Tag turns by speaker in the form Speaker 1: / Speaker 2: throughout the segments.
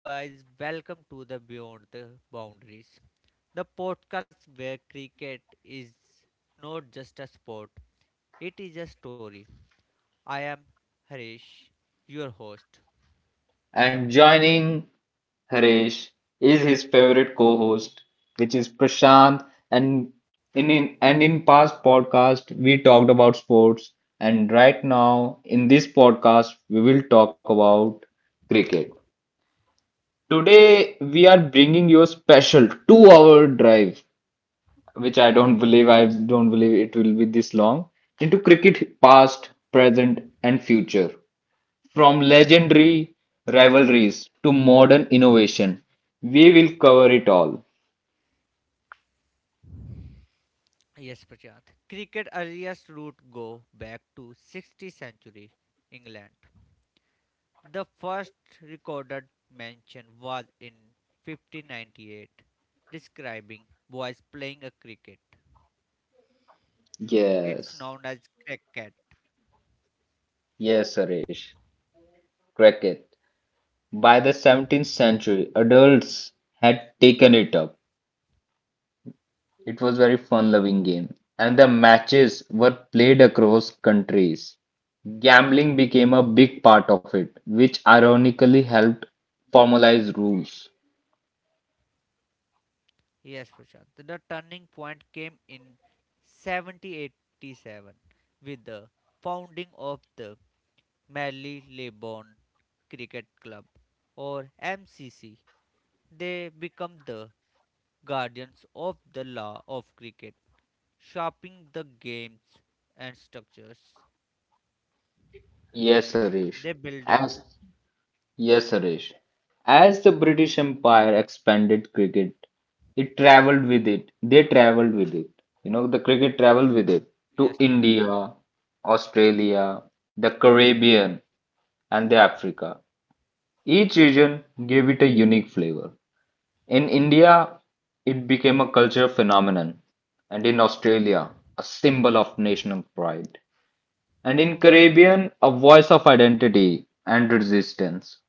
Speaker 1: Hello, guys, welcome to the Beyond the Boundaries, the podcast where cricket is not just a sport, it is a story. I am Harish, your host.
Speaker 2: And joining Haresh is his favorite co-host, which is Prashant. And in past podcast, we talked about sports, and right now in this podcast, we will talk about cricket. Today, we are bringing you a special 2-hour drive, which I don't believe it will be this long, into cricket past, present, and future. From legendary rivalries to modern innovation, we will cover it all.
Speaker 1: Yes, Prashant. Cricket earliest route go back to 16th century England. The first recorded mention was in 1598, describing boys playing a cricket. It's
Speaker 2: Yes,
Speaker 1: known as cricket.
Speaker 2: yes, Suresh. Cricket. By the 17th century, adults had taken it up. It was very fun-loving game, and the matches were played across countries. Gambling became a big part of it, which ironically helped formalize rules.
Speaker 1: Yes, Prashant. The turning point came in 1787 with the founding of the Mallee Lebanon Cricket Club or MCC. They become the guardians of the law of cricket, shaping the games and structures.
Speaker 2: Yes, Suresh.
Speaker 1: They build it.
Speaker 2: As Yes, Suresh. As the British Empire expanded cricket, it traveled with it. They traveled with it. You know, the cricket traveled with
Speaker 1: Y-
Speaker 2: it to
Speaker 1: Yes,
Speaker 2: India, Australia, the Caribbean, and the Africa. Each region gave it a unique flavor. In India, it became a cultural phenomenon, and in Australia, a symbol of national pride, and in Caribbean, a voice of identity and resistance.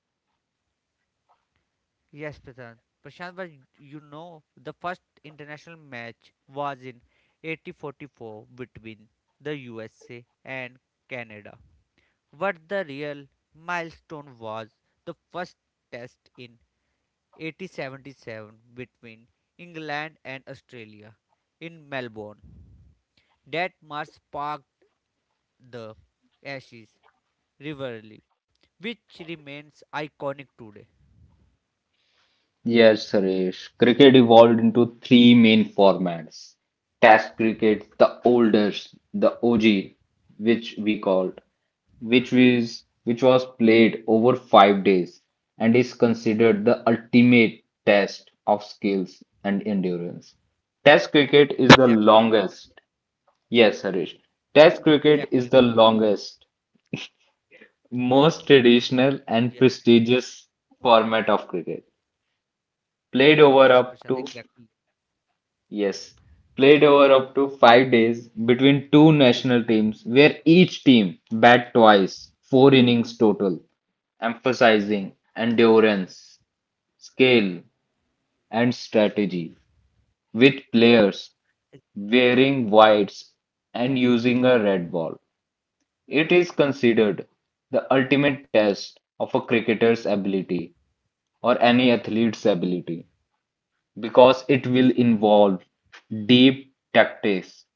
Speaker 1: yes, Prashant. Prashant, but the first international match was in 1844 between the USA and Canada. But the real milestone was the first test in 1877 between England and Australia in Melbourne. That match sparked the Ashes rivalry, which remains iconic today.
Speaker 2: Yes, Suresh. Cricket evolved into three main formats. Test cricket, the oldest, the OG, which we called, which was played over 5 days and is considered the ultimate test of skills and endurance. Test cricket is the
Speaker 1: Exactly,
Speaker 2: longest. Yes, Harish. Test cricket
Speaker 1: exactly.
Speaker 2: is the
Speaker 1: Prashant.
Speaker 2: longest, most traditional
Speaker 1: Yes.
Speaker 2: and prestigious format of cricket, played
Speaker 1: Yes,
Speaker 2: over up
Speaker 1: Prashant,
Speaker 2: to
Speaker 1: exactly.
Speaker 2: Yes, played over up to 5 days between two national teams, where each team bat twice, four innings total, emphasizing endurance, skill, and strategy, with players
Speaker 1: Ex-
Speaker 2: wearing whites and using a red ball. It is considered the ultimate test of a cricketer's ability or any athlete's ability, because it will involve deep tactics,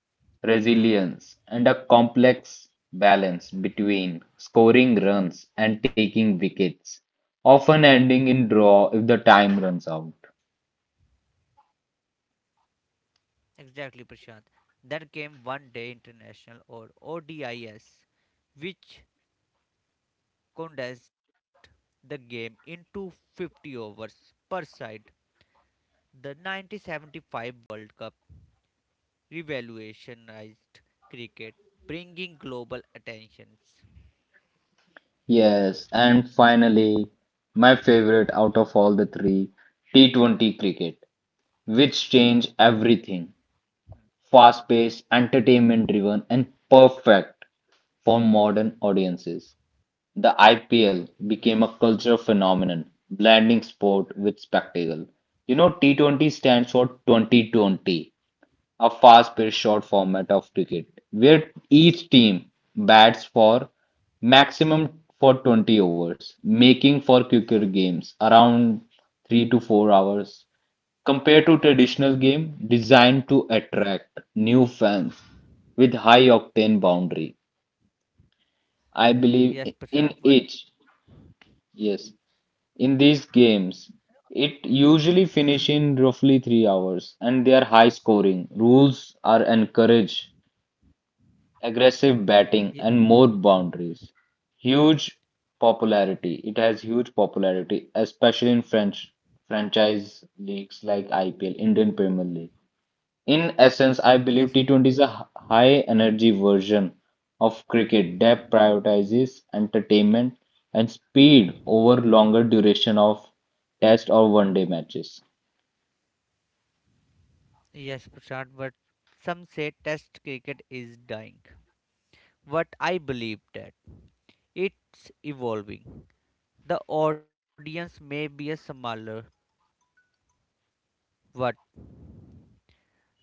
Speaker 2: resilience, and a complex balance between scoring runs and taking wickets, often ending in draw if the time runs out.
Speaker 1: Exactly, Prashant. Then came One Day International or ODIS, which condensed the game into 50 overs per side. The 1975 World Cup revolutionized cricket, bringing global attentions.
Speaker 2: Yes, and finally, my favorite out of all the three, T20 cricket, which changed everything. Fast paced, entertainment driven, and perfect for modern audiences. The IPL
Speaker 1: Yes, Prashant.
Speaker 2: became a cultural phenomenon, blending sport with spectacle. You know, T20 stands for 2020, a fast-paced short
Speaker 1: Mm.
Speaker 2: format of cricket, where each team bats for maximum for 20 overs, making for quicker games around 3 to 4 hours. Compared to traditional game designed to attract new fans with high octane boundary, I
Speaker 1: Yes,
Speaker 2: believe
Speaker 1: Prashant. What?
Speaker 2: in it. Yes, in these games. It usually finish in roughly 3 hours, and they are high scoring. Rules are encourage aggressive
Speaker 1: ye-
Speaker 2: batting and more
Speaker 1: mm.
Speaker 2: boundaries. Huge popularity. It has huge popularity, especially in French franchise leagues like IPL, Indian Premier League. In essence, I
Speaker 1: Yes,
Speaker 2: believe T20 is a high energy version of cricket that prioritizes entertainment and speed over longer duration of test or 1 day matches.
Speaker 1: yes, Prashant. But some say Test cricket is dying. But I believe that it's evolving. The audience may be a smaller, but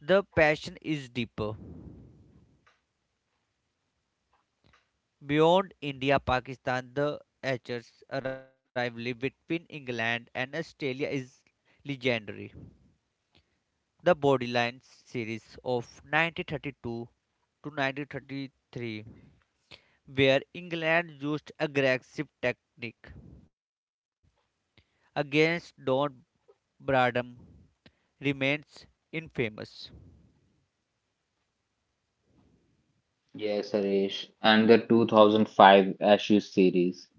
Speaker 1: the passion is deeper. Beyond India, Pakistan, the Archers' rivalry between England and Australia is legendary. The Borderlands series of 1932 to 1933, where England used aggressive tactic against Don Bradham remains infamous.
Speaker 2: Yes, Harish. And the 2005 Ashes series,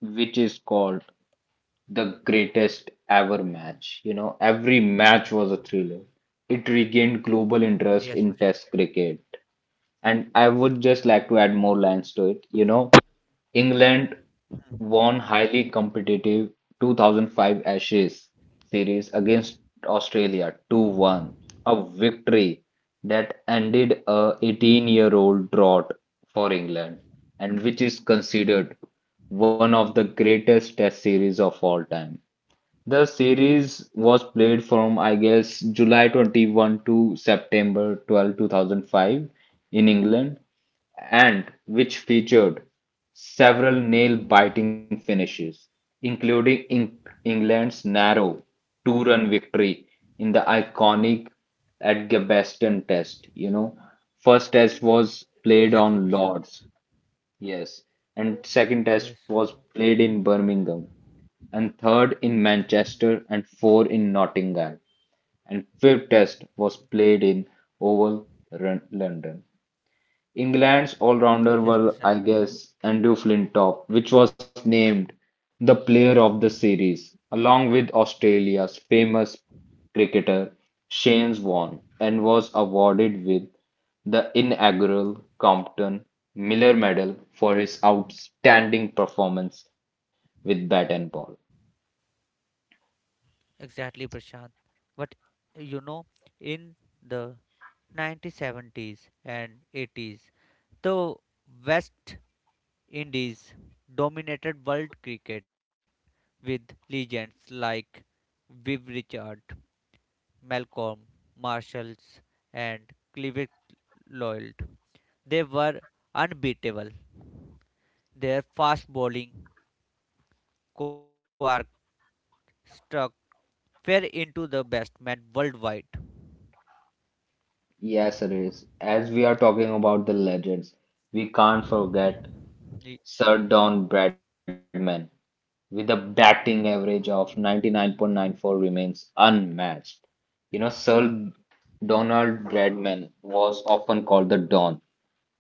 Speaker 2: which is called the greatest ever match. You know, every match was a thriller. It regained global
Speaker 1: Yes,
Speaker 2: interest
Speaker 1: Prashant.
Speaker 2: in test cricket. And I would just like to add more lines to it. You know, England won highly competitive 2005 Ashes series against Australia 2-1, a victory that ended a 18-year-old drought for England and which is considered one of the greatest test series of all time. The series was played from, I guess, July 21 to September 12, 2005 in England, and which featured several nail-biting finishes, including England's narrow 2-run victory in the iconic Edgbaston Test. You know, first test was played
Speaker 1: Exactly,
Speaker 2: on
Speaker 1: Prashant.
Speaker 2: Lords, yes. And second test
Speaker 1: Yes.
Speaker 2: was played in Birmingham, and third in
Speaker 1: Hmm.
Speaker 2: Manchester, and four in Nottingham. And fifth test was played in Oval, London. England's all-rounder
Speaker 1: Yes,
Speaker 2: were,
Speaker 1: Prashant.
Speaker 2: I guess, Andrew Flintoff, which was named the player of the series, along with Australia's famous cricketer Shane Warne, and was awarded with the inaugural Compton Miller Medal for his outstanding performance with bat and ball.
Speaker 1: Exactly, Prashant. But you know, in the 1970s and 80s, the West Indies dominated world cricket with legends like Viv Richard Malcolm, Marshalls, and Cleveland. They were unbeatable. Their fast bowling quark struck fell into the best man worldwide.
Speaker 2: Yes, Riz, as we are talking about the legends, we can't forget
Speaker 1: Y-
Speaker 2: Sir Don Bradman, with a batting average of 99.94 remains unmatched. You know, Sir Donald Bradman was often called the Don,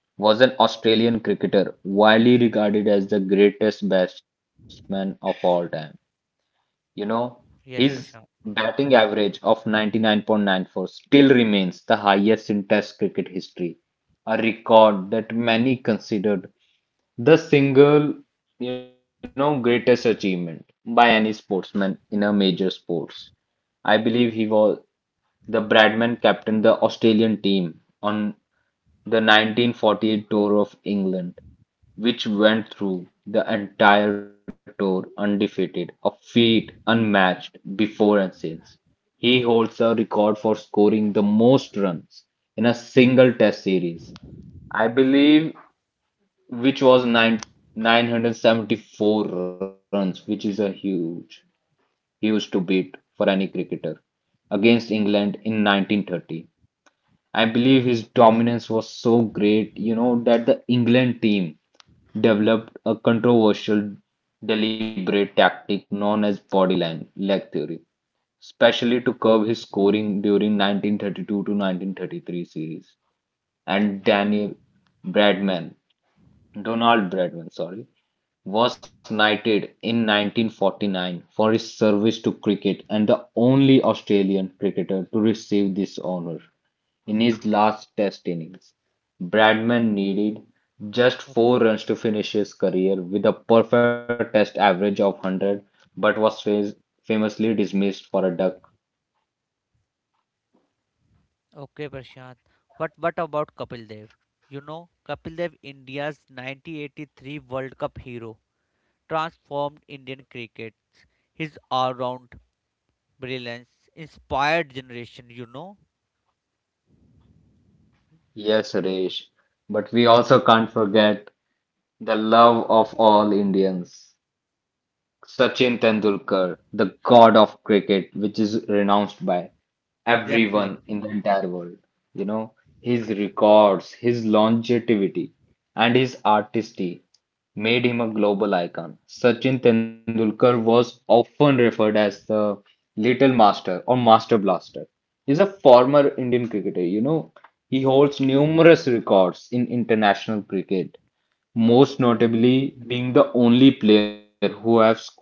Speaker 2: was an Australian cricketer widely regarded as the greatest batsman of all time. You know, his
Speaker 1: Yes,
Speaker 2: batting
Speaker 1: Prashant.
Speaker 2: average of 99.94 still remains the highest in Test cricket history, a record that many considered the single, you know, greatest achievement by any sportsman in a major sports. I believe he was the Bradman captained the Australian team on the 1948 tour of England, which went through the entire tour undefeated, a feat unmatched before and since. He holds a record for scoring the most runs in a single test series. I believe which was nine 974 runs, which is a huge, huge to beat for any cricketer against England in 1930. I believe his dominance was so great, you know, that the England team developed a controversial, deliberate tactic known as bodyline leg theory, especially to curb his scoring during 1932 to 1933 series. And Daniel Bradman Donald Bradman, sorry, was knighted in 1949 for his service to cricket and the only Australian cricketer to receive this honour. In his last Test innings, Bradman needed
Speaker 1: O-
Speaker 2: just 4 runs to finish his career with a perfect Test average of 100, but was famously dismissed for a duck.
Speaker 1: Okay, Prashant. But what about Kapil Dev? Kapil Dev, India's 1983 World Cup hero, transformed Indian cricket. His all-round brilliance inspired generation.
Speaker 2: Yes, Suresh, but we also can't forget the love of all Indians. Sachin Tendulkar, the god of cricket, which is renounced by everyone
Speaker 1: Exactly.
Speaker 2: in the entire world. You know, his records, his longevity, and his artistry made him a global icon. Sachin Tendulkar was often referred as the Little Master or Master Blaster. He's a former Indian cricketer. You know, he holds numerous records in international cricket, most notably being the only player who have scored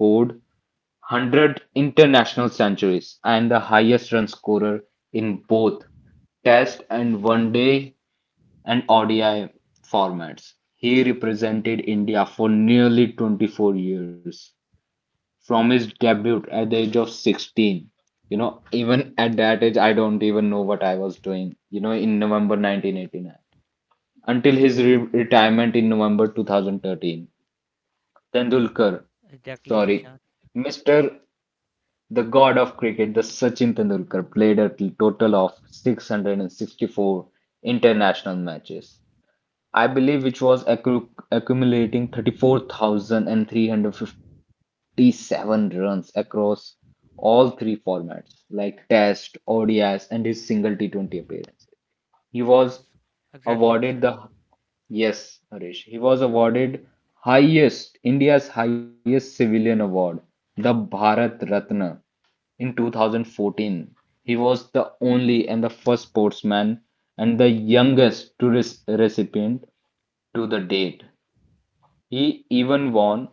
Speaker 2: 100 international centuries and the highest run scorer in both Test and One Day and ODI formats. He represented India for nearly 24 years from his debut at the age of 16. You know, even at that age, I don't even know what I was doing, you know, in November 1989 until his retirement in November 2013. Tendulkar, sorry,
Speaker 1: Exactly, Prashant.
Speaker 2: Mr. The god of cricket, the Sachin Tendulkar, played a total of 664 international matches. I believe which was accumulating 34,357 runs across all three formats like Test, ODIs and his single T20 appearances. He was
Speaker 1: Yes. Exactly,
Speaker 2: awarded the
Speaker 1: Prashant.
Speaker 2: Yes, Harish. He was awarded highest India's highest civilian award, the Bharat Ratna in 2014. He was the only and the first sportsman and the youngest to recipient to the date. He even won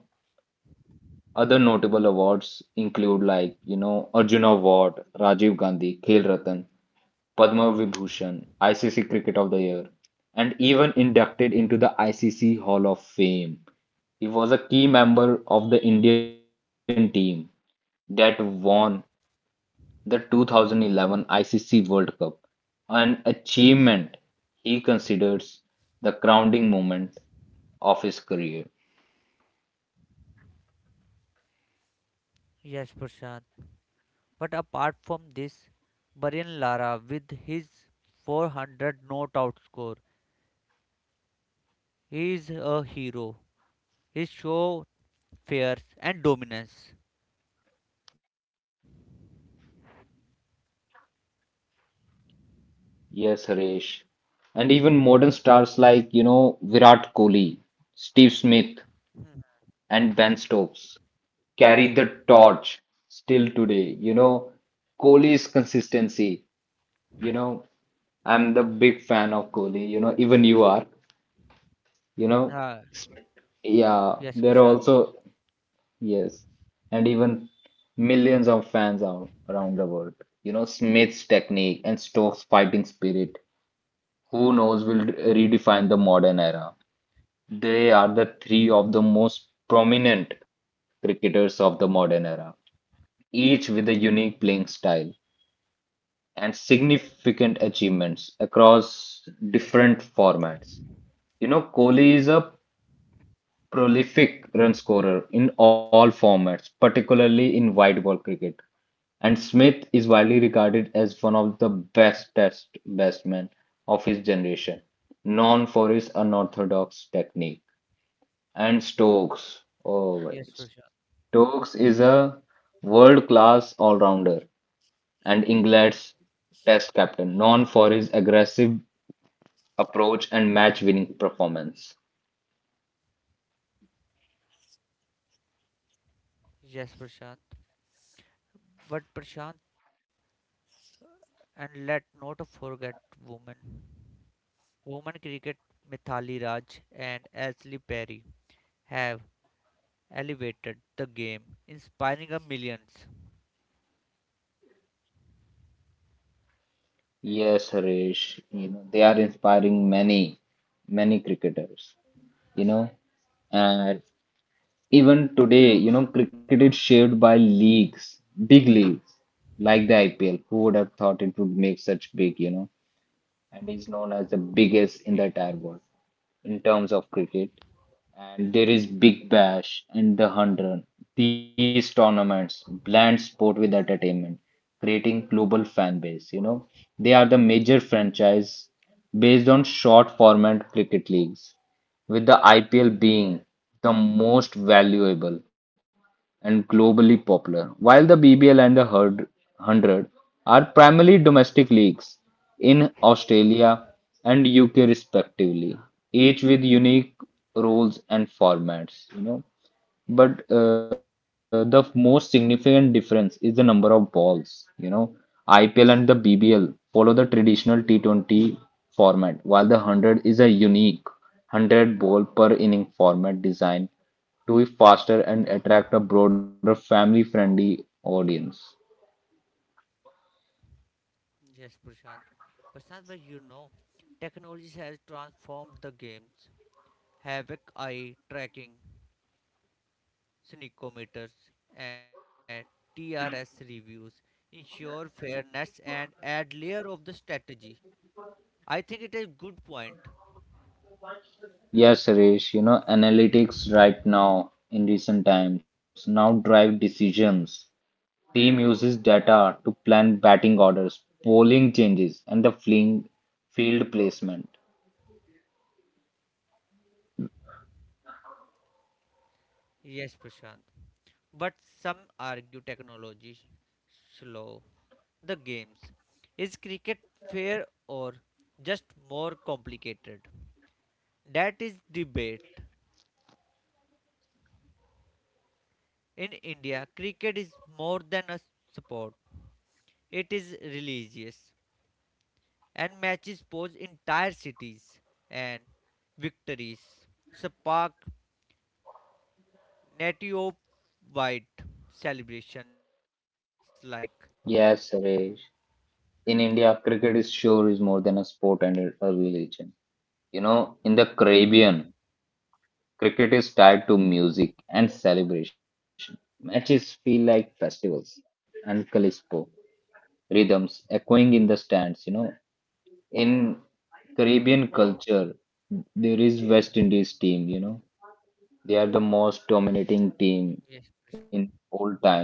Speaker 2: other notable awards include like you know Arjuna Award, Rajiv Gandhi, Khel Ratan, Padma Vibhushan, ICC Cricket of the Year, and even inducted into the ICC Hall of Fame. He was a key member of the Indian team that won the 2011 ICC World Cup, an achievement he considers the crowning moment of his career.
Speaker 1: Yes, Prashant. But apart from this, Brian Lara with his 400 not out score, he is a hero. His show fierce and dominance.
Speaker 2: Yes, Harish. And even modern stars like, you know, Virat Kohli, Steve Smith,
Speaker 1: Hmm.
Speaker 2: and Ben Stokes carry the torch still today. You know, Kohli's consistency, you know, I'm the big fan of Kohli, you know, even you are, you know,
Speaker 1: Ah,
Speaker 2: yeah,
Speaker 1: yes,
Speaker 2: there are
Speaker 1: Prashant.
Speaker 2: also, yes, and even millions of fans are around the world. You know, Smith's technique and Stokes' fighting spirit, who knows, will redefine the modern era. They are the three of the most prominent cricketers of the modern era, each with a unique playing style and significant achievements across different formats. You know, Kohli is a prolific run scorer in all formats, particularly in wide ball cricket. And Smith is widely regarded as one of the best test batsmen of his generation, known for his unorthodox technique. And Stokes, oh, my.
Speaker 1: Yes, Prashant.
Speaker 2: Stokes is a world-class all-rounder and England's test captain, known for his aggressive approach and match-winning performance.
Speaker 1: Yes, Prashant. But Prashant, and let not forget women. Women cricket Mithali Raj and Ashley Perry have elevated the game, inspiring a millions.
Speaker 2: Yes, Harish, you know, they are inspiring many, many cricketers, you know, and even today, you know, cricket is shaped by leagues, big leagues like the IPL. Who would have thought it would make such big, you know? And is known as the biggest in the
Speaker 1: Right.
Speaker 2: entire world in terms of cricket. And there is Big Bash and the 100. These tournaments blend sport with entertainment, creating global fan base. You know, they are the major franchise based on short format cricket leagues, with the IPL being the most valuable and globally popular, while the BBL and the 100 are primarily domestic leagues in Australia and UK respectively, each with unique rules and formats, you know. But the most significant difference is the number of balls. You know, IPL and the BBL follow the traditional T20 format, while the 100 is a unique 100 ball per inning format designed to be faster and attract a broader family-friendly audience.
Speaker 1: Yes, Prashant. Prashant, but technology has transformed the games. Havoc eye tracking, sneakometers, and TRS reviews ensure fairness and add layer of the strategy. I think it is good point.
Speaker 2: Yes, Suresh, you know, analytics right now in recent times now drive decisions. Team uses data to plan batting orders, bowling changes, and the fling field placement.
Speaker 1: Yes, Prashant. But some argue technology slow the games. Is cricket fair or just more complicated? That is debate. In India, cricket is more than a sport. It is religious and matches pose entire cities and victories spark native wide celebrations like.
Speaker 2: Yes, Suresh. In India, cricket is sure is more than a sport and a religion. You know, in the Caribbean, cricket is tied to music and celebration. Matches feel like festivals and Calispo rhythms echoing in the stands. In Caribbean culture, there is West Indies team. They are the most dominating team
Speaker 1: Yes,
Speaker 2: in
Speaker 1: Prashant.
Speaker 2: all times.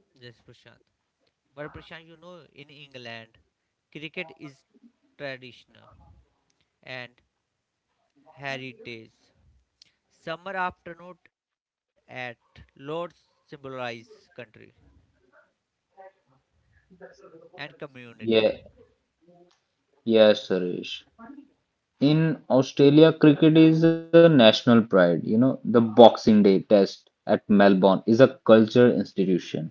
Speaker 1: Yes, Prashant. But Prashant, in England, cricket is traditional and heritage. Summer afternoon at Lord's symbolize country and community.
Speaker 2: Yeah, yes, Suresh. In Australia, cricket is a national pride. The Boxing Day Test at Melbourne is a culture institution.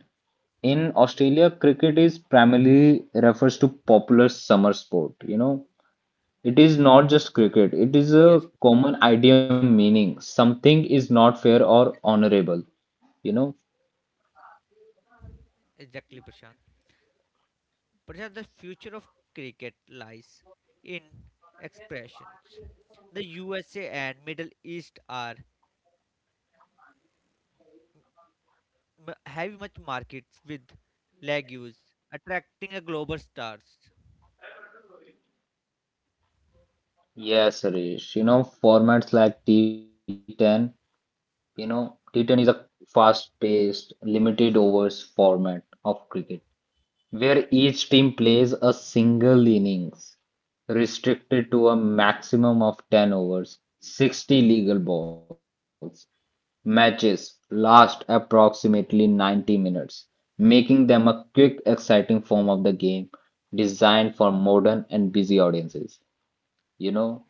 Speaker 2: In Australia, cricket is primarily refers to popular summer sport. It is not just cricket. It is a
Speaker 1: Yes, Prashant.
Speaker 2: common idea meaning something is not fair or honorable. You know,
Speaker 1: Exactly, Prashant. Prashant, the future of cricket lies in expressions. The USA and Middle East are have much markets with legumes, attracting a global stars.
Speaker 2: yes, Suresh. Formats like T10. T10 is a fast-paced, limited overs format of cricket, where each team plays a single innings restricted to a maximum of 10 overs, 60 legal balls. Matches last approximately 90 minutes, making them a quick, exciting form of the game designed for modern and busy audiences. You know,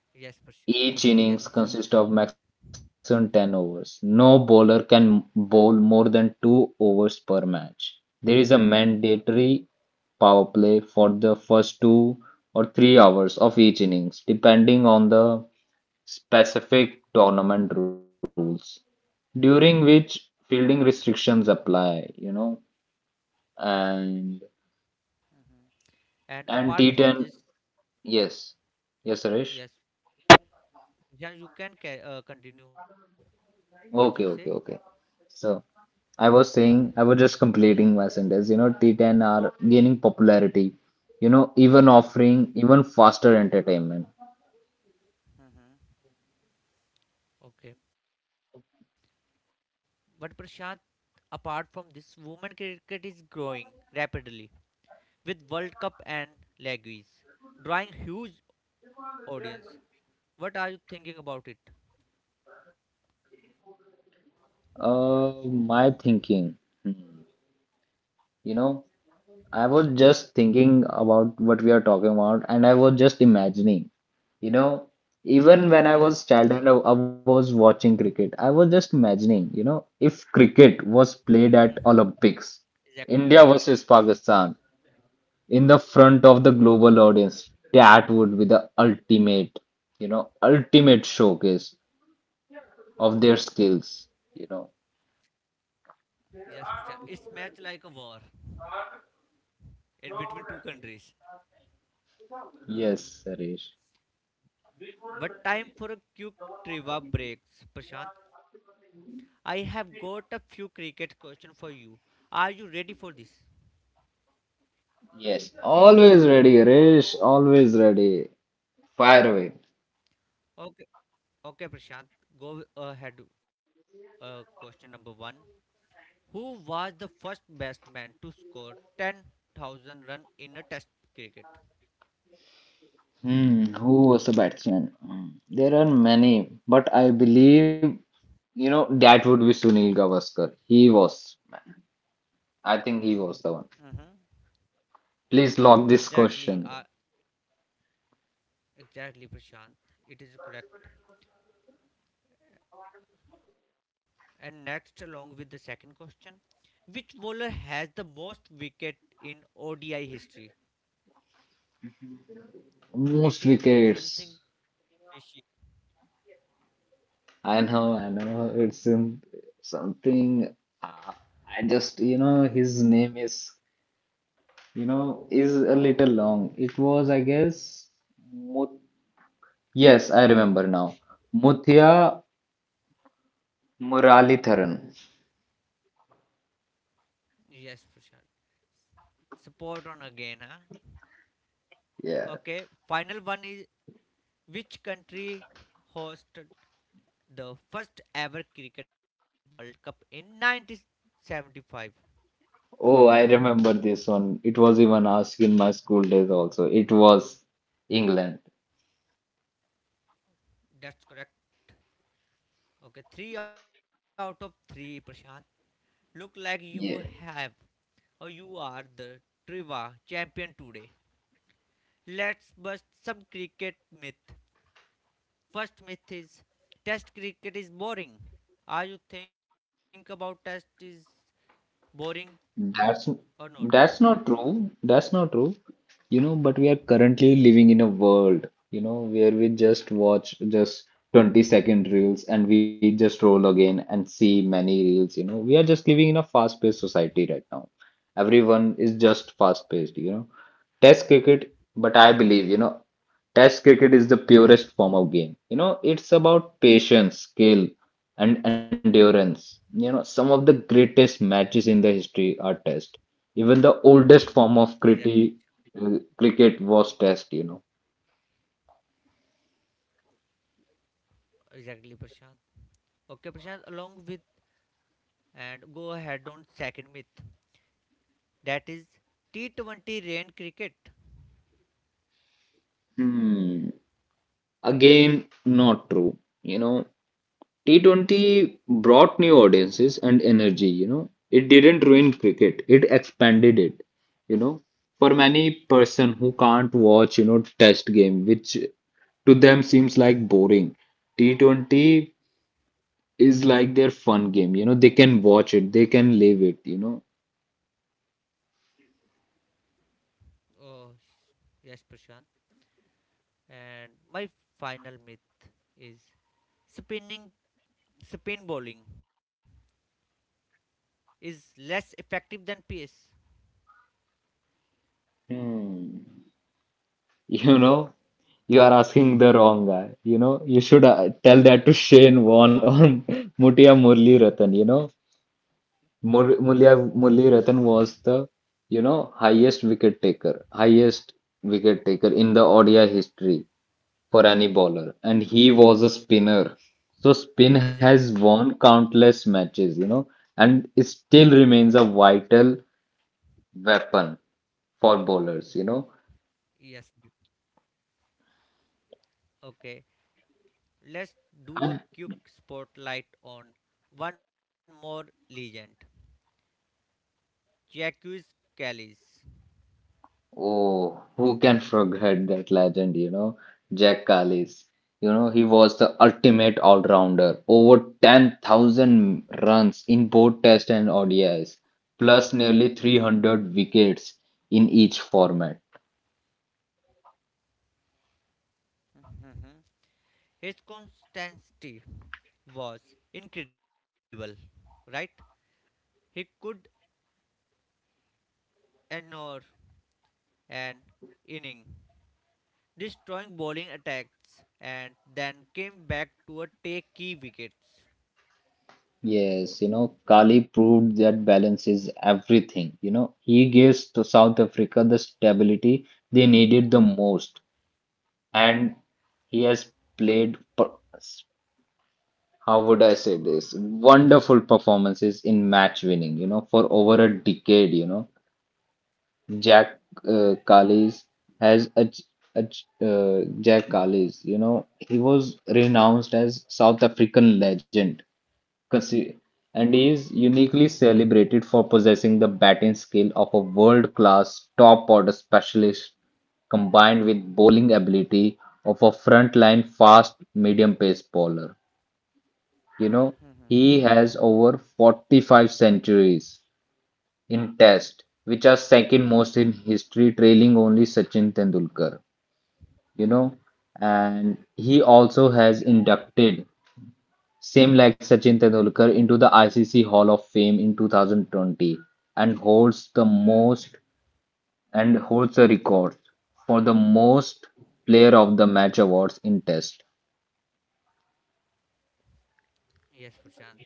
Speaker 2: each
Speaker 1: Yes,
Speaker 2: innings consists
Speaker 1: Prashant.
Speaker 2: of
Speaker 1: Yes,
Speaker 2: maximum
Speaker 1: Prashant.
Speaker 2: 10 overs. No bowler can bowl more than 2 overs per match. There is a mandatory power play for the first 2 or 3 hours of each innings, depending on the specific tournament rules, during which fielding restrictions apply, and
Speaker 1: Mhm.
Speaker 2: and T10,
Speaker 1: And apart from this,
Speaker 2: yes, yes, Suresh.
Speaker 1: yes, yeah, you can ca continue
Speaker 2: Okay, okay, okay.
Speaker 1: what you say.
Speaker 2: So, I was saying, I was just completing my sentence. T10 are gaining popularity, even offering even
Speaker 1: Mhm.
Speaker 2: faster entertainment.
Speaker 1: Mhm. Okay. But Prashant, apart from this, women cricket is growing rapidly with World Cup and leagues, drawing huge audience. What are you thinking about it?
Speaker 2: My thinking, hmm, you know, I was just thinking about what we are talking about, and I was just imagining, you know, even when I was
Speaker 1: Yes.
Speaker 2: child and I was watching cricket, I was just imagining, if cricket was played at
Speaker 1: Mhm.
Speaker 2: Olympics, India
Speaker 1: Exactly.
Speaker 2: versus Pakistan in the front of the global audience. That would be the ultimate, ultimate showcase of their skills, you know.
Speaker 1: Yes, Prashant. It's match like a war in between two countries.
Speaker 2: Yes, Harish.
Speaker 1: But time for a quick trivia break, Prashant. I have got a few cricket questions for you. Are you ready for this?
Speaker 2: Yes, always ready, Harish, always ready. Fire away.
Speaker 1: Okay, okay, Prashant. Go ahead. Question number one: who was the first batsman to score 10,000 run in a Test cricket?
Speaker 2: Who was the batsman? There are many, but I believe, that would be Sunil Gavaskar. He was, man. I think he was the one.
Speaker 1: Mm-hmm.
Speaker 2: Please lock this
Speaker 1: Exactly,
Speaker 2: question.
Speaker 1: exactly, Prashant. It is correct. And next, along with the second question, which bowler has the most wicket in ODI history? It
Speaker 2: Most
Speaker 1: is
Speaker 2: wickets.
Speaker 1: something fishy.
Speaker 2: I know, I know. It's in something. Uh, I just, his name is, is a little long. It was, I guess, Mut. Yes, I remember now. Muthiah Muralitharan.
Speaker 1: Yes, Prashant. Support on again, huh?
Speaker 2: Yeah.
Speaker 1: Okay, final one is which country hosted the first ever Cricket World Cup in 1975?
Speaker 2: Oh, I remember this one. It was even asked in my school days also. It was England.
Speaker 1: That's correct. Okay, three out of three, Prashant. Look like you
Speaker 2: Yeah.
Speaker 1: have or you are the trivia champion today. Let's bust some cricket myth. First myth is Test cricket is boring. Are you think about Test is boring or
Speaker 2: That's
Speaker 1: not?
Speaker 2: that's not true. That's not true. But we are currently living in a world, where we just watch just 20-second reels and we just roll again and see many reels. We are just living in a fast-paced society right now. Everyone is just fast-paced. Test cricket, but I believe. Test cricket is the purest form of game. It's about patience, skill, and endurance. Some of the greatest matches in the history are test. Even the oldest
Speaker 1: Mm-hmm.
Speaker 2: form of
Speaker 1: Exactly.
Speaker 2: cricket was test.
Speaker 1: Exactly, Prashant. Okay, Prashant, along with and go ahead on second myth. That is T20 rain cricket.
Speaker 2: Hmm. Again, not true. You know, T20 brought new audiences and energy. It didn't ruin cricket, it expanded it, you know. For many person who can't watch, test game, which to them seems like boring. T20 is like their fun game, they can watch it, they can live it.
Speaker 1: Oh, yes, Prashant. And my final myth is spinning, spin bowling is less effective than pace.
Speaker 2: Hmm. You know, you are asking the wrong guy, you know. You should tell that to Shane Warne or Mutia Murli Ratan. Murali
Speaker 1: Mm-hmm.
Speaker 2: Ratan was the, highest wicket taker in the ODI history for any bowler, and he was a spinner. So spin has
Speaker 1: Exactly.
Speaker 2: won countless matches, and it still remains a vital weapon for bowlers.
Speaker 1: Yes. Okay. Let's do a quick spotlight on one more legend, Jacques Callis.
Speaker 2: Oh, who can forget that legend? Jack Callis. He was the ultimate all-rounder. Over 10,000 runs in both Test and ODIs, plus nearly 300 wickets in each format.
Speaker 1: Mhm. His constancy was incredible, right? He could ignore an inning, destroying bowling attacks, and then came back to take key wickets.
Speaker 2: Yes, Kali proved that balance is everything. He gives to South Africa the stability they needed the most, and he has played how would I say this? Wonderful performances in match winning, for over a decade. Jack uh, Kallis has a, Jack Kallis, he was renounced as South African legend, consi- and he is uniquely celebrated for possessing the batting skill of a world-class top-order specialist combined with bowling ability of a frontline fast medium-pace bowler. You know,
Speaker 1: Mhm.
Speaker 2: he has over 45 centuries in Test, which are second most in history, trailing only Sachin Tendulkar. You know, and he also
Speaker 1: Yes,
Speaker 2: has
Speaker 1: Prashant.
Speaker 2: inducted, same like Sachin Tendulkar, into the ICC Hall of Fame in 2020 and holds the record for the most player of the match awards in Test.
Speaker 1: Yes, Prashant.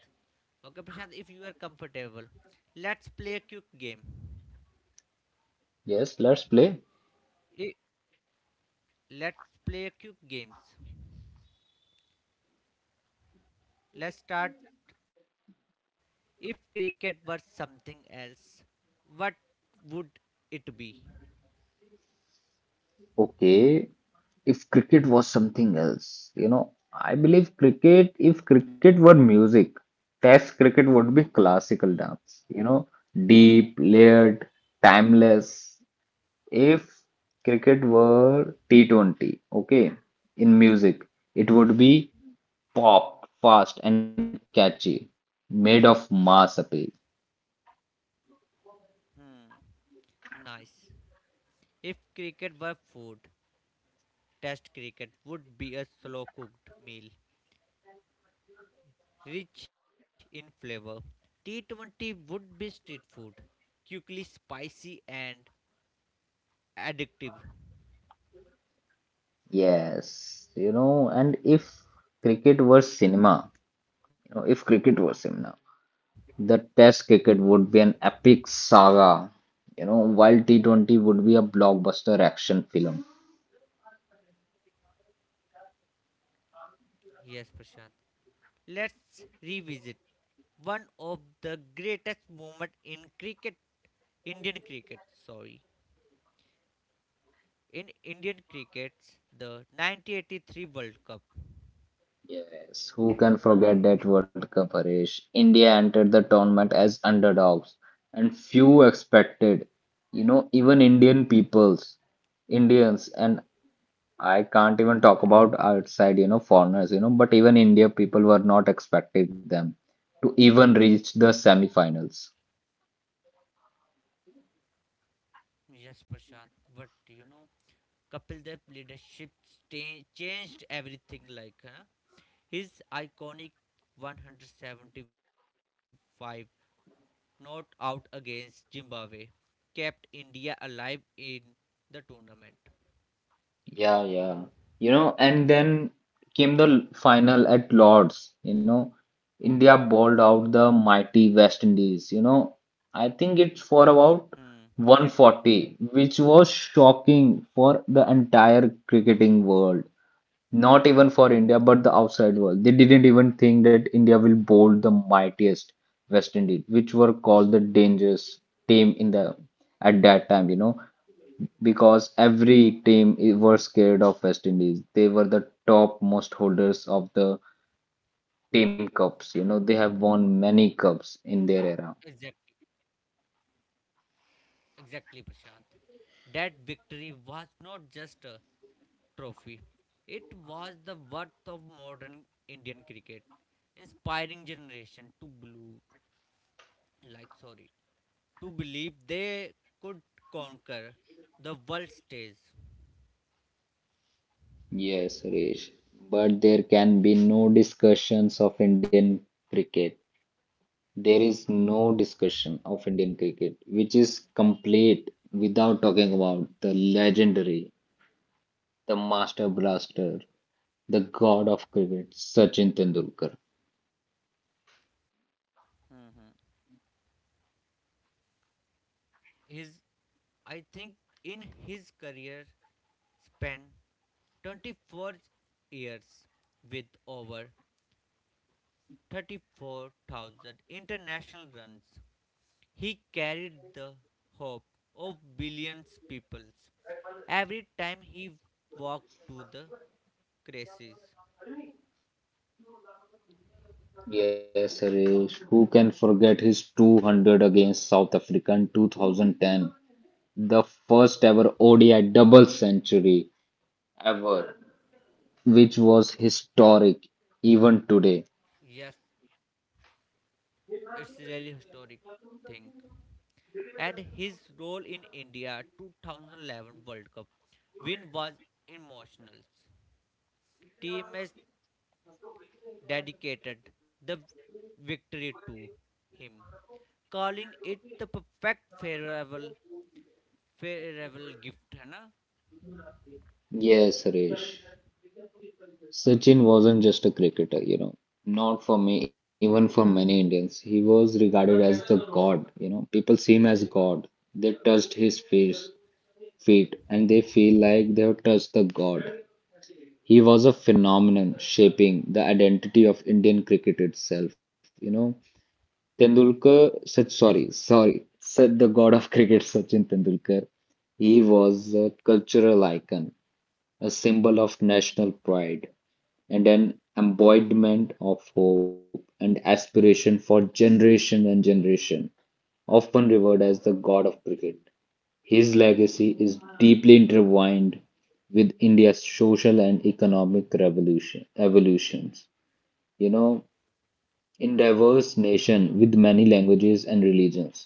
Speaker 1: Okay, Prashant, if you are comfortable, let's play a quick game.
Speaker 2: Yes, let's play.
Speaker 1: I- Let's play a quick games. Let's start. If cricket were something else, what would it be?
Speaker 2: Okay, if cricket was something else, if cricket were music, Test cricket would be
Speaker 1: Hmm,
Speaker 2: classical dance, deep, layered, timeless. If cricket were T20, okay, in music, it would
Speaker 1: hmm, hmm,
Speaker 2: be pop, fast, and catchy, made of mass appeal.
Speaker 1: hmm. Nice. If cricket were food, Test cricket would be a slow cooked meal, rich in flavor. T20 would be street food, quickly spicy and addictive.
Speaker 2: Yes, and if cricket were cinema, you know, if cricket were cinema, the Test cricket would be an epic saga, while T20 would be a blockbuster action film.
Speaker 1: Yes, Prashant. Let's revisit one of the greatest moments in cricket, Indian cricket, sorry, in Indian cricket, the 1983 World Cup.
Speaker 2: Yes, who can forget that World Cup, Harish? India entered the tournament as underdogs, and few expected, even Indian peoples, Indians, and I can't even talk about outside, foreigners, but even India people were not expecting them to even reach the semi-finals.
Speaker 1: Yes, Prashant, but Kapil Dev's leadership changed everything. Like huh? His iconic 175 not out against Zimbabwe kept India alive in the tournament.
Speaker 2: Yeah, yeah. And then came the final at Lord's. India bowled out the mighty West Indies. I think it's for about
Speaker 1: Hmm. Exactly.
Speaker 2: 140, which was shocking for the entire cricketing world. Not even for India, but the outside world. They didn't even think that India will bowl the mightiest West Indies, which were called the dangerous team in the at that time. Because every team were scared of West Indies. They were the top most holders of the team cups. They have won many cups in their
Speaker 1: Exactly.
Speaker 2: era.
Speaker 1: Exactly, Prashant. That victory was not just a trophy, it was the worth of modern Indian cricket, inspiring generation to believe, like sorry, to believe they could conquer the world stage.
Speaker 2: Yes, Suresh. But there can be no discussions of Indian cricket. There is no discussion of Indian cricket, which is complete without talking about the legendary, the master blaster, the god of cricket, Sachin Tendulkar.
Speaker 1: Hmm. His, I think, in his career span, 24 years with over 34,000 international runs. He carried the hope of billions peoples every time he walked to the creches.
Speaker 2: Yes, Suresh. Who can forget his 200 against South Africa in 2010? The first ever ODI double century ever, which was historic even today.
Speaker 1: Yes, it's really historic thing. And his role in India 2011 World Cup win was emotional. Teammates dedicated the victory to him, calling it the perfect farewell gift. है ना?
Speaker 2: Yes, Suresh. Sachin wasn't just a cricketer. Not for me, even for many Indians. He was regarded as the god. People see him as god. They touched his face, feet, and they feel like they have touched the god. He was a phenomenon shaping the identity of Indian cricket itself. Tendulkar said, sorry,
Speaker 1: Yes,
Speaker 2: sorry,
Speaker 1: Prashant.
Speaker 2: said the god of cricket, Sachin Tendulkar. He was a cultural icon, a symbol of national pride, and an embodiment of hope and aspiration for generation and generation, often revered as the god of cricket. His legacy is deeply intertwined with India's social and economic revolution evolutions. You know, in diverse nation with many languages and religions.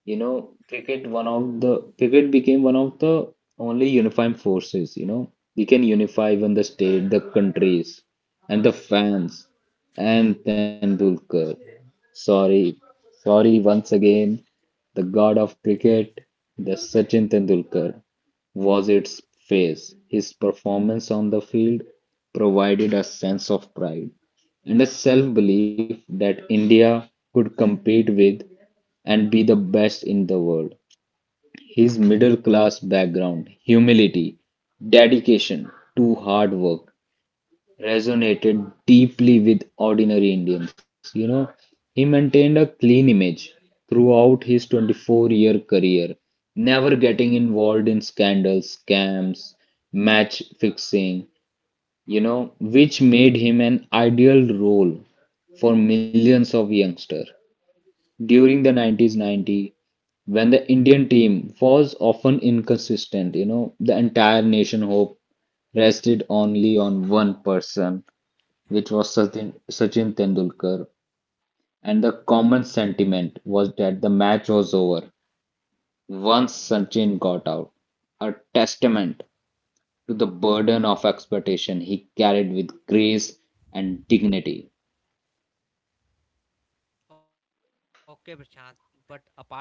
Speaker 2: You know, cricket one of the cricket became one of the only unifying forces. We can unify even the state, the countries, and the fans, and Tendulkar. Sorry, sorry once again, the god of cricket, the Sachin Tendulkar, was its face. His performance on the field provided a sense of pride and a self belief that India could compete with and be the best in the world. His middle class background, humility, dedication to hard work resonated deeply with ordinary Indians. He maintained a clean image throughout his 24-year career, never getting involved in scandals, scams, match fixing, which made him an ideal role for millions of youngsters during the 90s 90 when the Indian team was often inconsistent, the entire nation hope rested only on one person, which was Sachin, Sachin Tendulkar. And the common sentiment was that the match was over once Sachin got out, a testament to the burden of expectation he carried with grace and dignity.
Speaker 1: Okay, Prashant, but apart from this,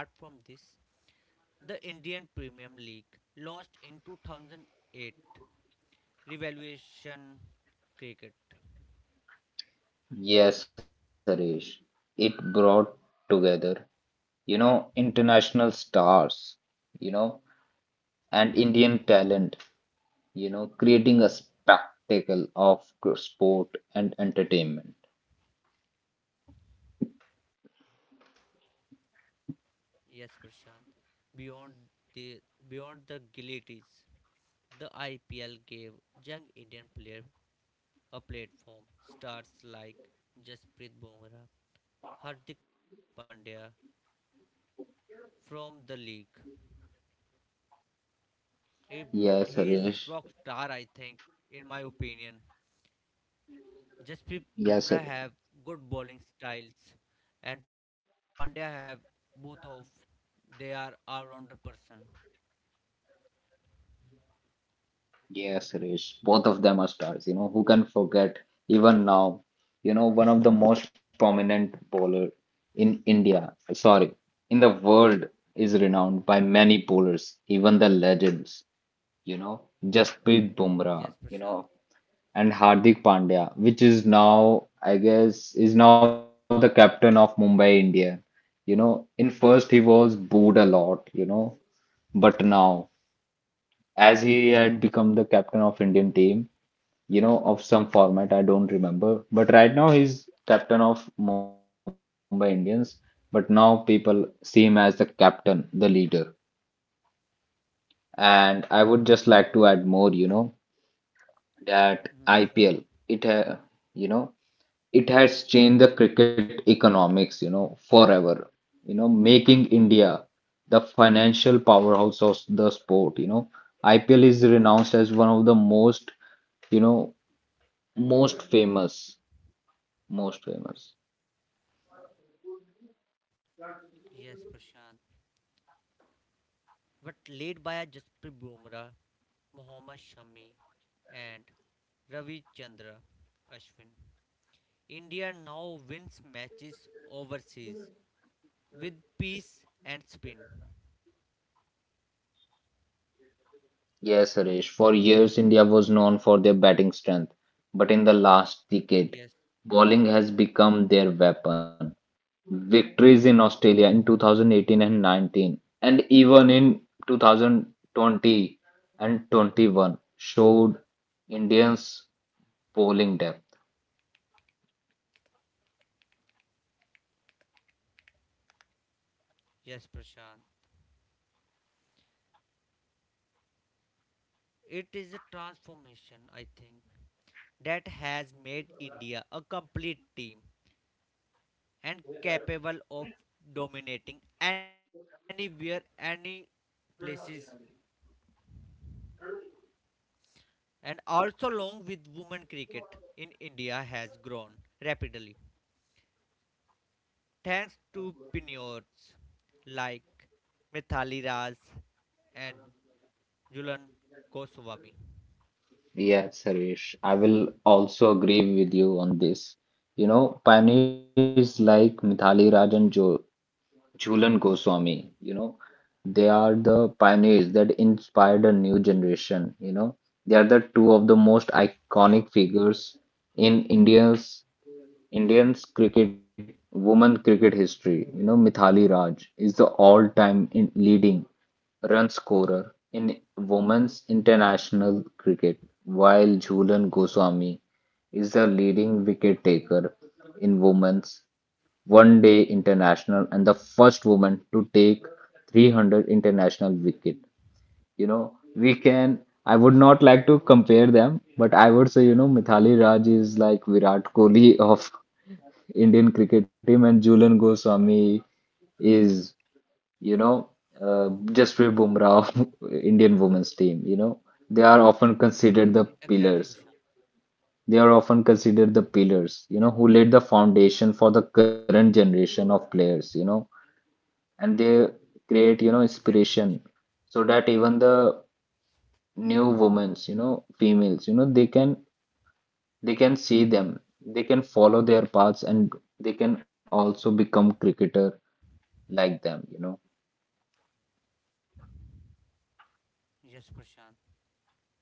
Speaker 1: the Indian Premium League, launched in 2008, revaluation cricket.
Speaker 2: Yes, Harish, it brought together international stars, you know, and Indian talent, creating a spectacle of sport and entertainment.
Speaker 1: Yes, Prashant. Beyond the beyond the guillotines, the IPL gave young Indian player a platform. Stars like Jasprit Bumrah, Hardik Pandya from the league. He, he is
Speaker 2: Yes,
Speaker 1: rock star,
Speaker 2: Harish.
Speaker 1: I think, in my opinion. Jasprit Bumrah
Speaker 2: Yes, sir.
Speaker 1: have good bowling styles, and Pandya have both of. They are all-rounder person.
Speaker 2: Yes, Harish. Both of them are stars, who can forget even now, one of the most prominent bowler in India, sorry, in the world is renowned by many bowlers, even the legends, you know, Jasprit
Speaker 1: Yes,
Speaker 2: Bumrah,
Speaker 1: Prashant.
Speaker 2: and Hardik Pandya, which is now, I guess, is now the captain of Mumbai Indian. In first he was booed a lot, but now, as he had become the captain of Indian team, of some format, I don't remember, but right now he's captain of Mumbai Indians, but now people see him as the captain, the leader. And I would just like to add more, you know, that IPL,
Speaker 1: Mhm. Sure.
Speaker 2: you know, it has changed the cricket economics, you know, forever, you know, making India the financial powerhouse of the sport, you know. IPL is renounced as one of the most, you know, most famous, most famous.
Speaker 1: Yes, Prashant. But led by Jasprit Bumrah, Mohammad Shami, and Ravi Ashwin, India now wins matches overseas with pace and spin.
Speaker 2: Yes, Suresh. For years, India was known for their batting strength, but in the last decade,
Speaker 1: Yes,
Speaker 2: bowling has become their weapon. Victories in Australia in 2018 and 19, and even in 2020 and 21, showed Indians' bowling depth.
Speaker 1: yes, Prashant. It is a transformation, I think, that has made India a complete team and capable of dominating anywhere, any places. And also, along with women cricket in India has grown rapidly thanks to pioneers like Mithali Raj and Jhulan Goswami.
Speaker 2: Yes, Suresh. I will also agree with you on this. You know, pioneers like Mithali Raj and jo Jhulan Goswami, you know, they are the pioneers that inspired a new generation, you know. They are the two of the most
Speaker 1: Yes,
Speaker 2: iconic figures in India's Indians cricket, women cricket history. You know, Mithali Raj is the all-time in leading run scorer in women's international cricket, while Jhulan Goswami is the leading wicket taker in women's one day international and the first woman to take 300 international wicket. You know, I would not like to compare them, but I would say, you know, Mithali Raj is like Virat Kohli of Indian cricket team, and Julian Goswami is, you know, uh, Jasprit Bumrah of Indian women's team. You know, they are often considered the
Speaker 1: exactly, Prashant.
Speaker 2: pillars. They are often considered the pillars, you know, who laid the foundation for the current generation of players, you know, and they create, you know,
Speaker 1: Exactly, Prashant.
Speaker 2: inspiration so that even the new women's, you know, females, you know, they can see them, they can follow their paths, and they can also become cricketer like them, you know.
Speaker 1: Yes, Prashant. Along with,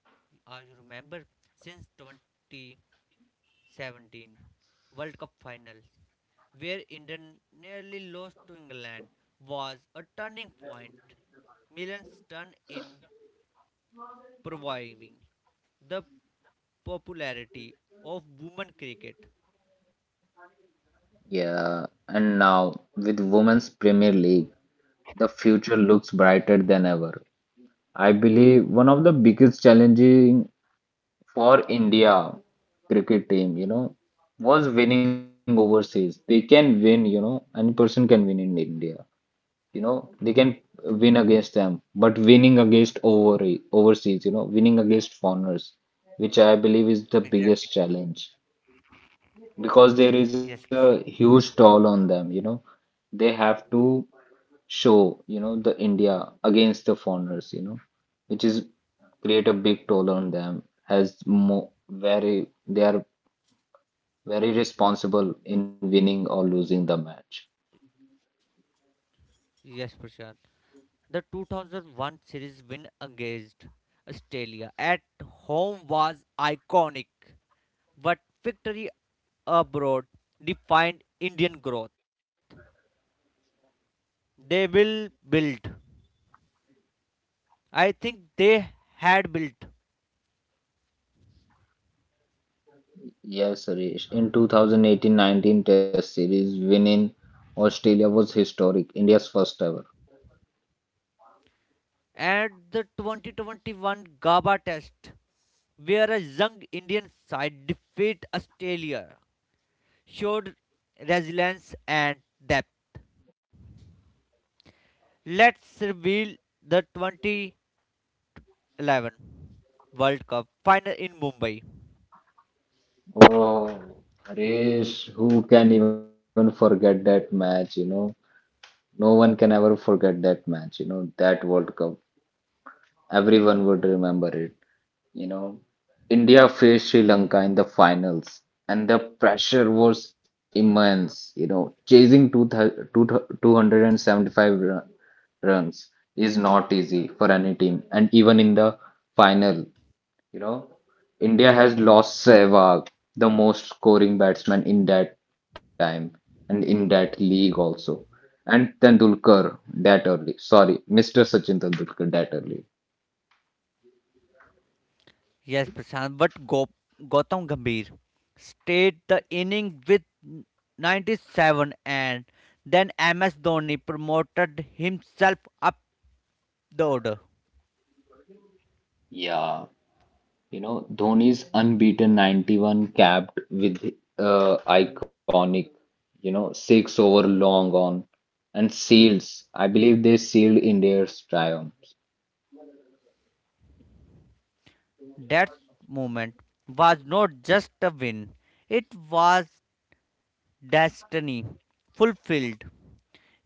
Speaker 1: you remember, since 2017 World Cup Finals, where India nearly lost to England, was a turning point. Millions turned in proving the popularity of women cricket.
Speaker 2: Yeah, and now with Women's Premier League, the future looks brighter than ever. I believe one of the biggest challenging for India cricket team, you know, was winning overseas. They can win, you know, any person can win in India. You know, they can win against them, but winning against overseas, you know, winning against foreigners, which I believe is the biggest challenge.
Speaker 1: Exactly.
Speaker 2: Because there is a huge
Speaker 1: Yes,
Speaker 2: toll
Speaker 1: Prashant.
Speaker 2: on them, you know. They have to show, you know, the India against the foreigners, you know, which is create a big toll on them as mo very they are very responsible in winning or losing the match.
Speaker 1: Yes, Prashant. The 2001 series win against Australia at home was iconic, but victory abroad defined Indian growth. They will build. I think they had built.
Speaker 2: Yes, Suresh. In 2018 19 Test Series, winning Australia was historic, India's first ever.
Speaker 1: At the 2021 GABA test, where a young Indian side defeated Australia, showed resilience and depth. Let's reveal the 2011 World Cup final in Mumbai.
Speaker 2: Oh, Suresh, who can even forget that match, you know? No one can ever forget that match, you know, that World Cup. Everyone would remember it. You know, India faced Sri Lanka in the finals, and the pressure was immense, you know, chasing 275 runs is not easy for any team, and even in the final. You know, India has lost Sehwag, the most scoring batsman in that time and in that league also. And Tendulkar that early. Sorry, Mr. Sachin Tendulkar that early.
Speaker 1: Yes, Prashant, but Gautam Gambhir stayed the inning with 97 and then MS Dhoni promoted himself up the order.
Speaker 2: Yeah, you know, Dhoni's unbeaten 91 capped with iconic, you know, six over long on and seals. I believe they sealed India's triumph.
Speaker 1: That moment was not just a win, it was destiny fulfilled,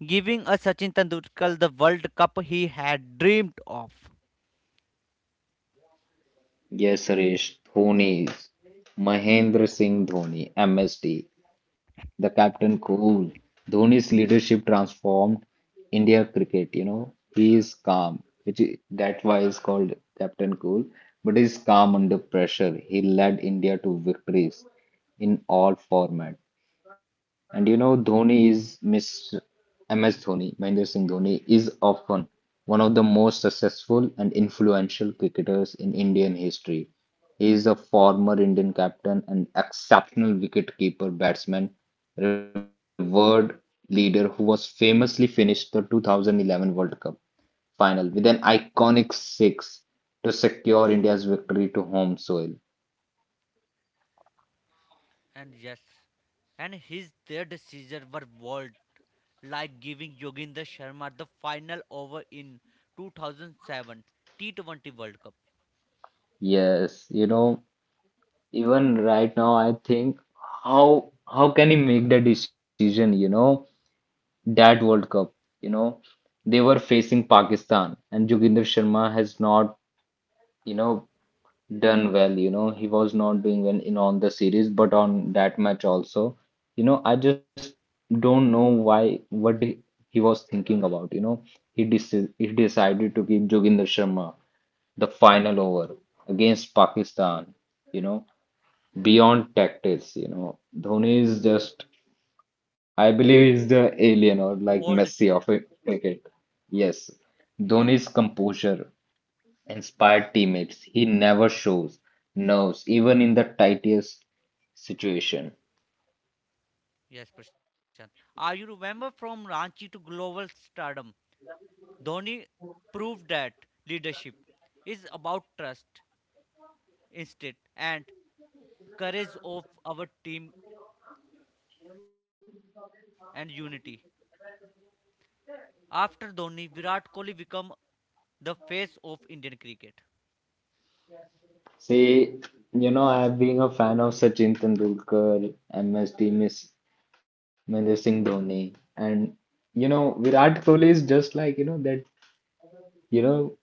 Speaker 1: giving a Sachin Tendulkar the World Cup he had dreamed of.
Speaker 2: Yes, Suresh, Dhoni is Mahendra Singh Dhoni, MSD, the captain cool. Dhoni's leadership transformed India cricket, you know. He is calm, which is, that's why he's called Captain Cool, but he's calm under pressure. He led India to victories in all format. And you know, Dhoni is mis MS Dhoni, Mahendra Singh Dhoni, is often one of the most successful and influential cricketers in Indian history. He is a former Indian captain and exceptional wicketkeeper batsman, revered leader who was famously finished the 2011 World Cup final with an iconic six to secure India's victory to home soil.
Speaker 1: And yes, and his their decisions were bold like giving Yoginder Sharma the final over in 2007 T20 World Cup.
Speaker 2: Yes, you know, even right now I think how can he make the decision, you know? That World Cup, you know, they were facing Pakistan, and Joginder Sharma has not, you know, done well. You know, he was not doing well in on the series, but on that match also, you know, I just don't know why what he was thinking about. You know, he decided to give Joginder Sharma the final over against Pakistan. You know, beyond tactics, you know. Dhoni is just, I believe, is the alien or like
Speaker 1: World
Speaker 2: Messi
Speaker 1: Series.
Speaker 2: of a cricket. Yes,
Speaker 1: Yes,
Speaker 2: Dhoni's composure inspired teammates. He never shows nerves, even in the tightest situation.
Speaker 1: yes, Prashant. Are you remember from Ranchi to global stardom? Dhoni proved that leadership is about trust, instinct, and courage of our team and unity. After Dhoni, Virat Kohli become the face of Indian cricket.
Speaker 2: See, you know, I have been a fan of Sachin Tendulkar, MS team is Mahendra Singh Dhoni, and you know, Virat Kohli is just like you know that you know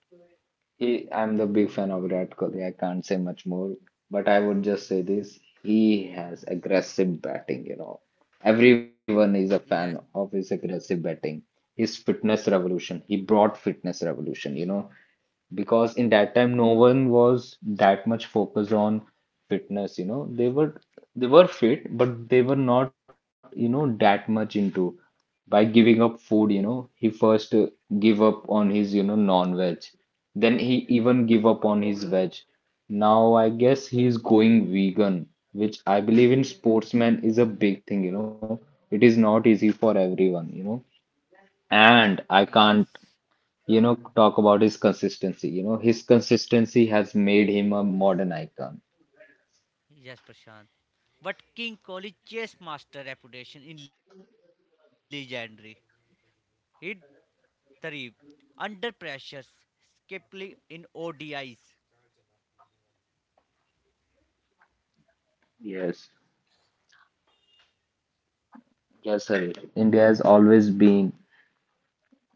Speaker 2: he, I'm the big fan of Virat Kohli. I can't say much more, but I would just say this. He has aggressive batting, you know. Everyone is a fan
Speaker 1: Yes,
Speaker 2: of his aggressive batting. His fitness revolution. He brought fitness revolution, you know, because in that time no one was that much focused on fitness, you know, they were fit but they were not, you know, that much into by giving up food. You know, he first give up on his, you know, non-veg, then he even give up on his veg. Now I guess he is going vegan, which I believe in sportsmen is a big thing, you know. It is not easy for everyone, you know, and I
Speaker 1: yes.
Speaker 2: can't, you know, talk about his consistency. You know, his consistency has made him a modern icon.
Speaker 1: Yes, Prashant. But King Kohli chess master reputation in legendary. Hit three under pressures, skeptically in ODIs.
Speaker 2: Yes, yes, sir. India has always been.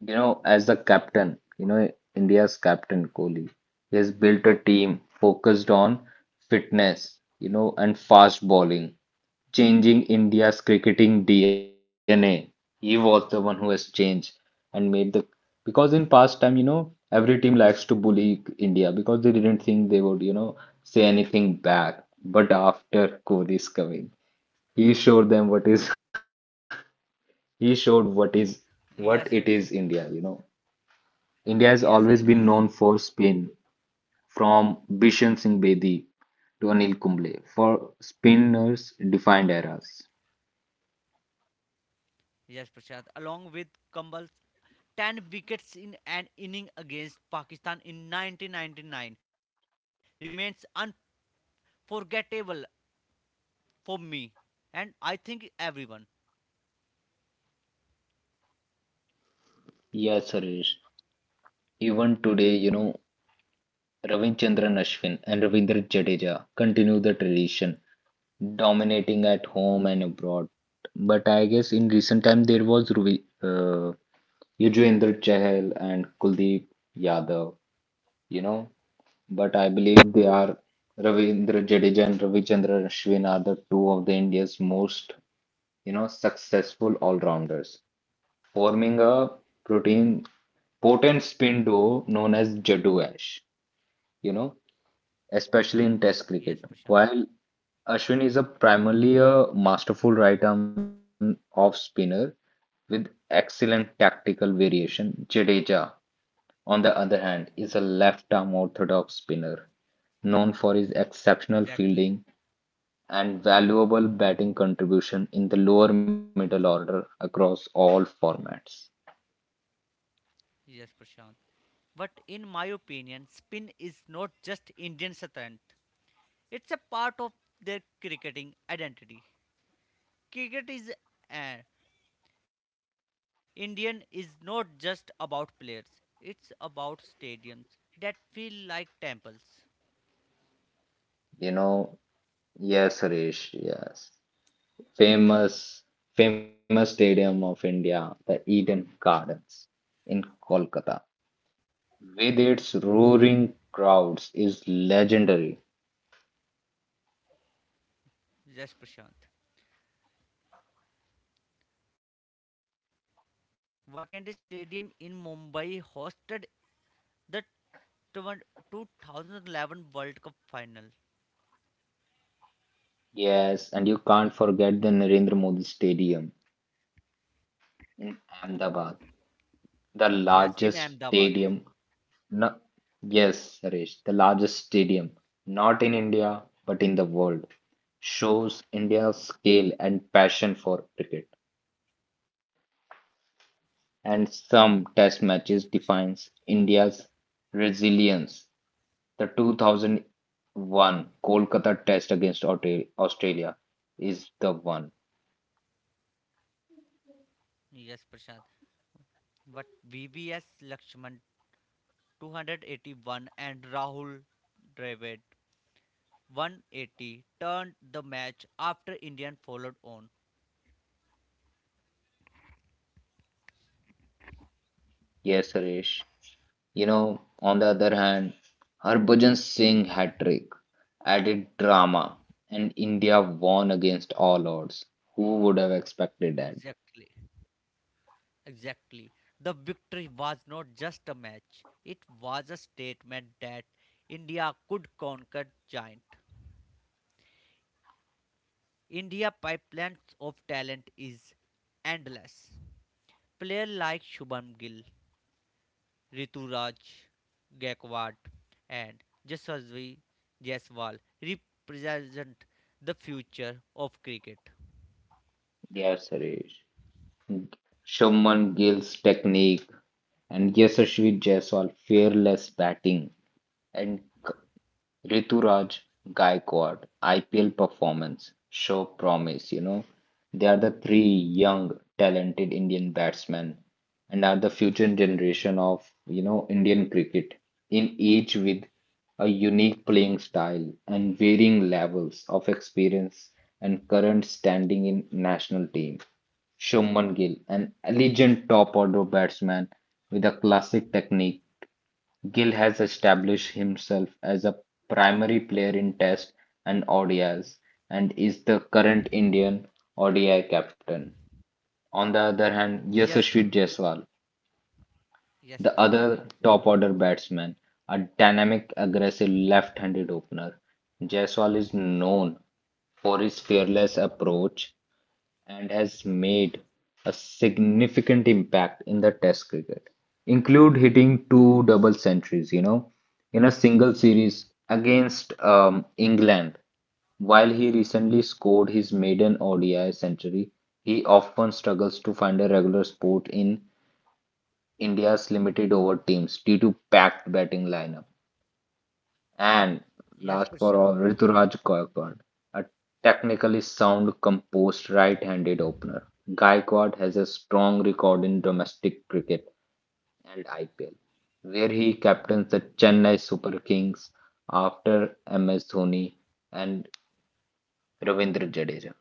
Speaker 2: You know, as the captain, you know, India's captain Kohli, he has built a team focused on fitness, you know, and fast bowling, changing India's cricketing DNA. He was the one who has changed and made the because in past time, you know, every team likes to bully India because they didn't think they would, you know, say anything back. But after Kohli's coming, he showed them what is he showed what is what
Speaker 1: Yes,
Speaker 2: it is
Speaker 1: yes,
Speaker 2: India, you know. India has
Speaker 1: yes,
Speaker 2: always
Speaker 1: I
Speaker 2: been
Speaker 1: remember.
Speaker 2: known for spin, from Bishan Singh Bedi to Anil Kumble, for spinners defined eras.
Speaker 1: Yes, Prashant. Along with Cumble's 10 wickets in an inning against Pakistan in 1999 remains unforgettable for me and I think everyone.
Speaker 2: Yeah, Suresh. Even today, you know, Ravichandran Ashwin and Ravindra Jadeja continue the tradition, dominating at home and abroad. But I guess in recent time there was Yuzvendra Chahal and Kuldeep Yadav, you know. But I believe they are Ravindra Jadeja and Ravichandran Ashwin are the two of the India's most, you know, successful all-rounders, forming a protein potent spin duo known as Jadoo Ash, you know, especially in Test
Speaker 1: Yes,
Speaker 2: cricket.
Speaker 1: Prashant.
Speaker 2: While Ashwin is a primarily a masterful right arm off spinner with excellent tactical variation, Jadeja, on the other hand, is a left arm orthodox spinner known for his exceptional
Speaker 1: Exactly.
Speaker 2: fielding and valuable batting contribution in the lower middle order across all formats.
Speaker 1: Yes, Prashant. But in my opinion, spin is not just Indian strength. It's a part of their cricketing identity. Cricket is uh, Indian is not just about players. It's about stadiums that feel like temples.
Speaker 2: You know, yes, Suresh, yes. Famous, famous stadium of India, the Eden Gardens in Kolkata, with its roaring crowds, is legendary.
Speaker 1: Yes, Prashant. Wakhede Stadium in Mumbai hosted the 20- 2011 World Cup final.
Speaker 2: Yes, and you can't forget the Narendra Modi Stadium in Ahmedabad, the
Speaker 1: Yes, in
Speaker 2: largest
Speaker 1: Ahmedabad.
Speaker 2: stadium. No, yes, Suresh, the largest stadium, not in India, but in the world, shows India's scale and passion for cricket. And
Speaker 1: Yes,
Speaker 2: some
Speaker 1: Prashant.
Speaker 2: test matches defines India's resilience. The 2001 Kolkata test against Australia is the one.
Speaker 1: Yes, Prashant. But VVS Lakshman 281 and Rahul Dravid 180 turned the match after Indian followed on.
Speaker 2: Yes, Suresh. You know, on the other hand, Harbhajan Singh hat trick added drama, and India won
Speaker 1: E-
Speaker 2: against all odds. Who would have expected that?
Speaker 1: Exactly. Exactly. The victory was not just a match. It was a statement that India could conquer giant. India pipelines of talent is endless. Player like Shubham Gill Rituraj Gaikwad and Jaswasvi Jaiswal represent the future of cricket.
Speaker 2: Yes, Suresh. Shubman Gill's technique and Yashasvi Jaiswal fearless batting and Rituraj Gaikwad IPL performance show promise. You know, they are the three young, talented Indian batsmen and are the future generation of, you know, Indian cricket. In each with a unique playing style and varying levels of experience and current standing in national team. Shubman Gill, an elegant top order batsman with a classic technique, Gill has established himself as a primary player in Test and ODIs and is the current Indian ODI captain. On the other hand,
Speaker 1: Yes,
Speaker 2: Yashasvi Jaiswal,
Speaker 1: yes,
Speaker 2: the
Speaker 1: Prashant.
Speaker 2: other top order batsman, a dynamic, aggressive left handed opener. Jaiswal is known for his fearless approach and has made a significant impact in the Test cricket, include hitting two double centuries, you know, in a single series against England. While he recently scored his maiden ODI century, he often struggles to find a regular spot in India's limited over teams due to packed batting lineup. And
Speaker 1: Yes,
Speaker 2: last for
Speaker 1: Prashant.
Speaker 2: all, Rituraj Gaikwad, a technically sound, composed right-handed opener. Gaikwad has a strong record in domestic cricket and IPL, where he captains the
Speaker 1: Yes,
Speaker 2: Chennai Super Kings after MS Dhoni and Ravindra Jadeja.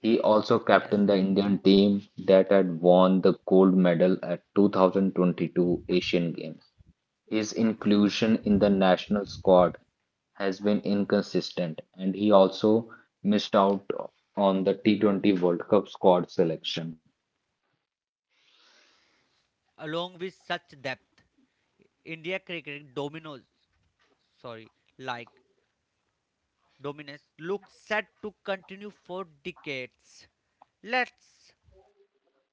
Speaker 2: He also captained
Speaker 1: yes.
Speaker 2: the Indian team that had won the gold medal at 2022 Asian Games. His inclusion in the national squad has been inconsistent, and he also missed out on the T20 World Cup squad selection.
Speaker 1: Along with such depth, India cricket dominoes, sorry, like dominance looks set to continue for decades. Let's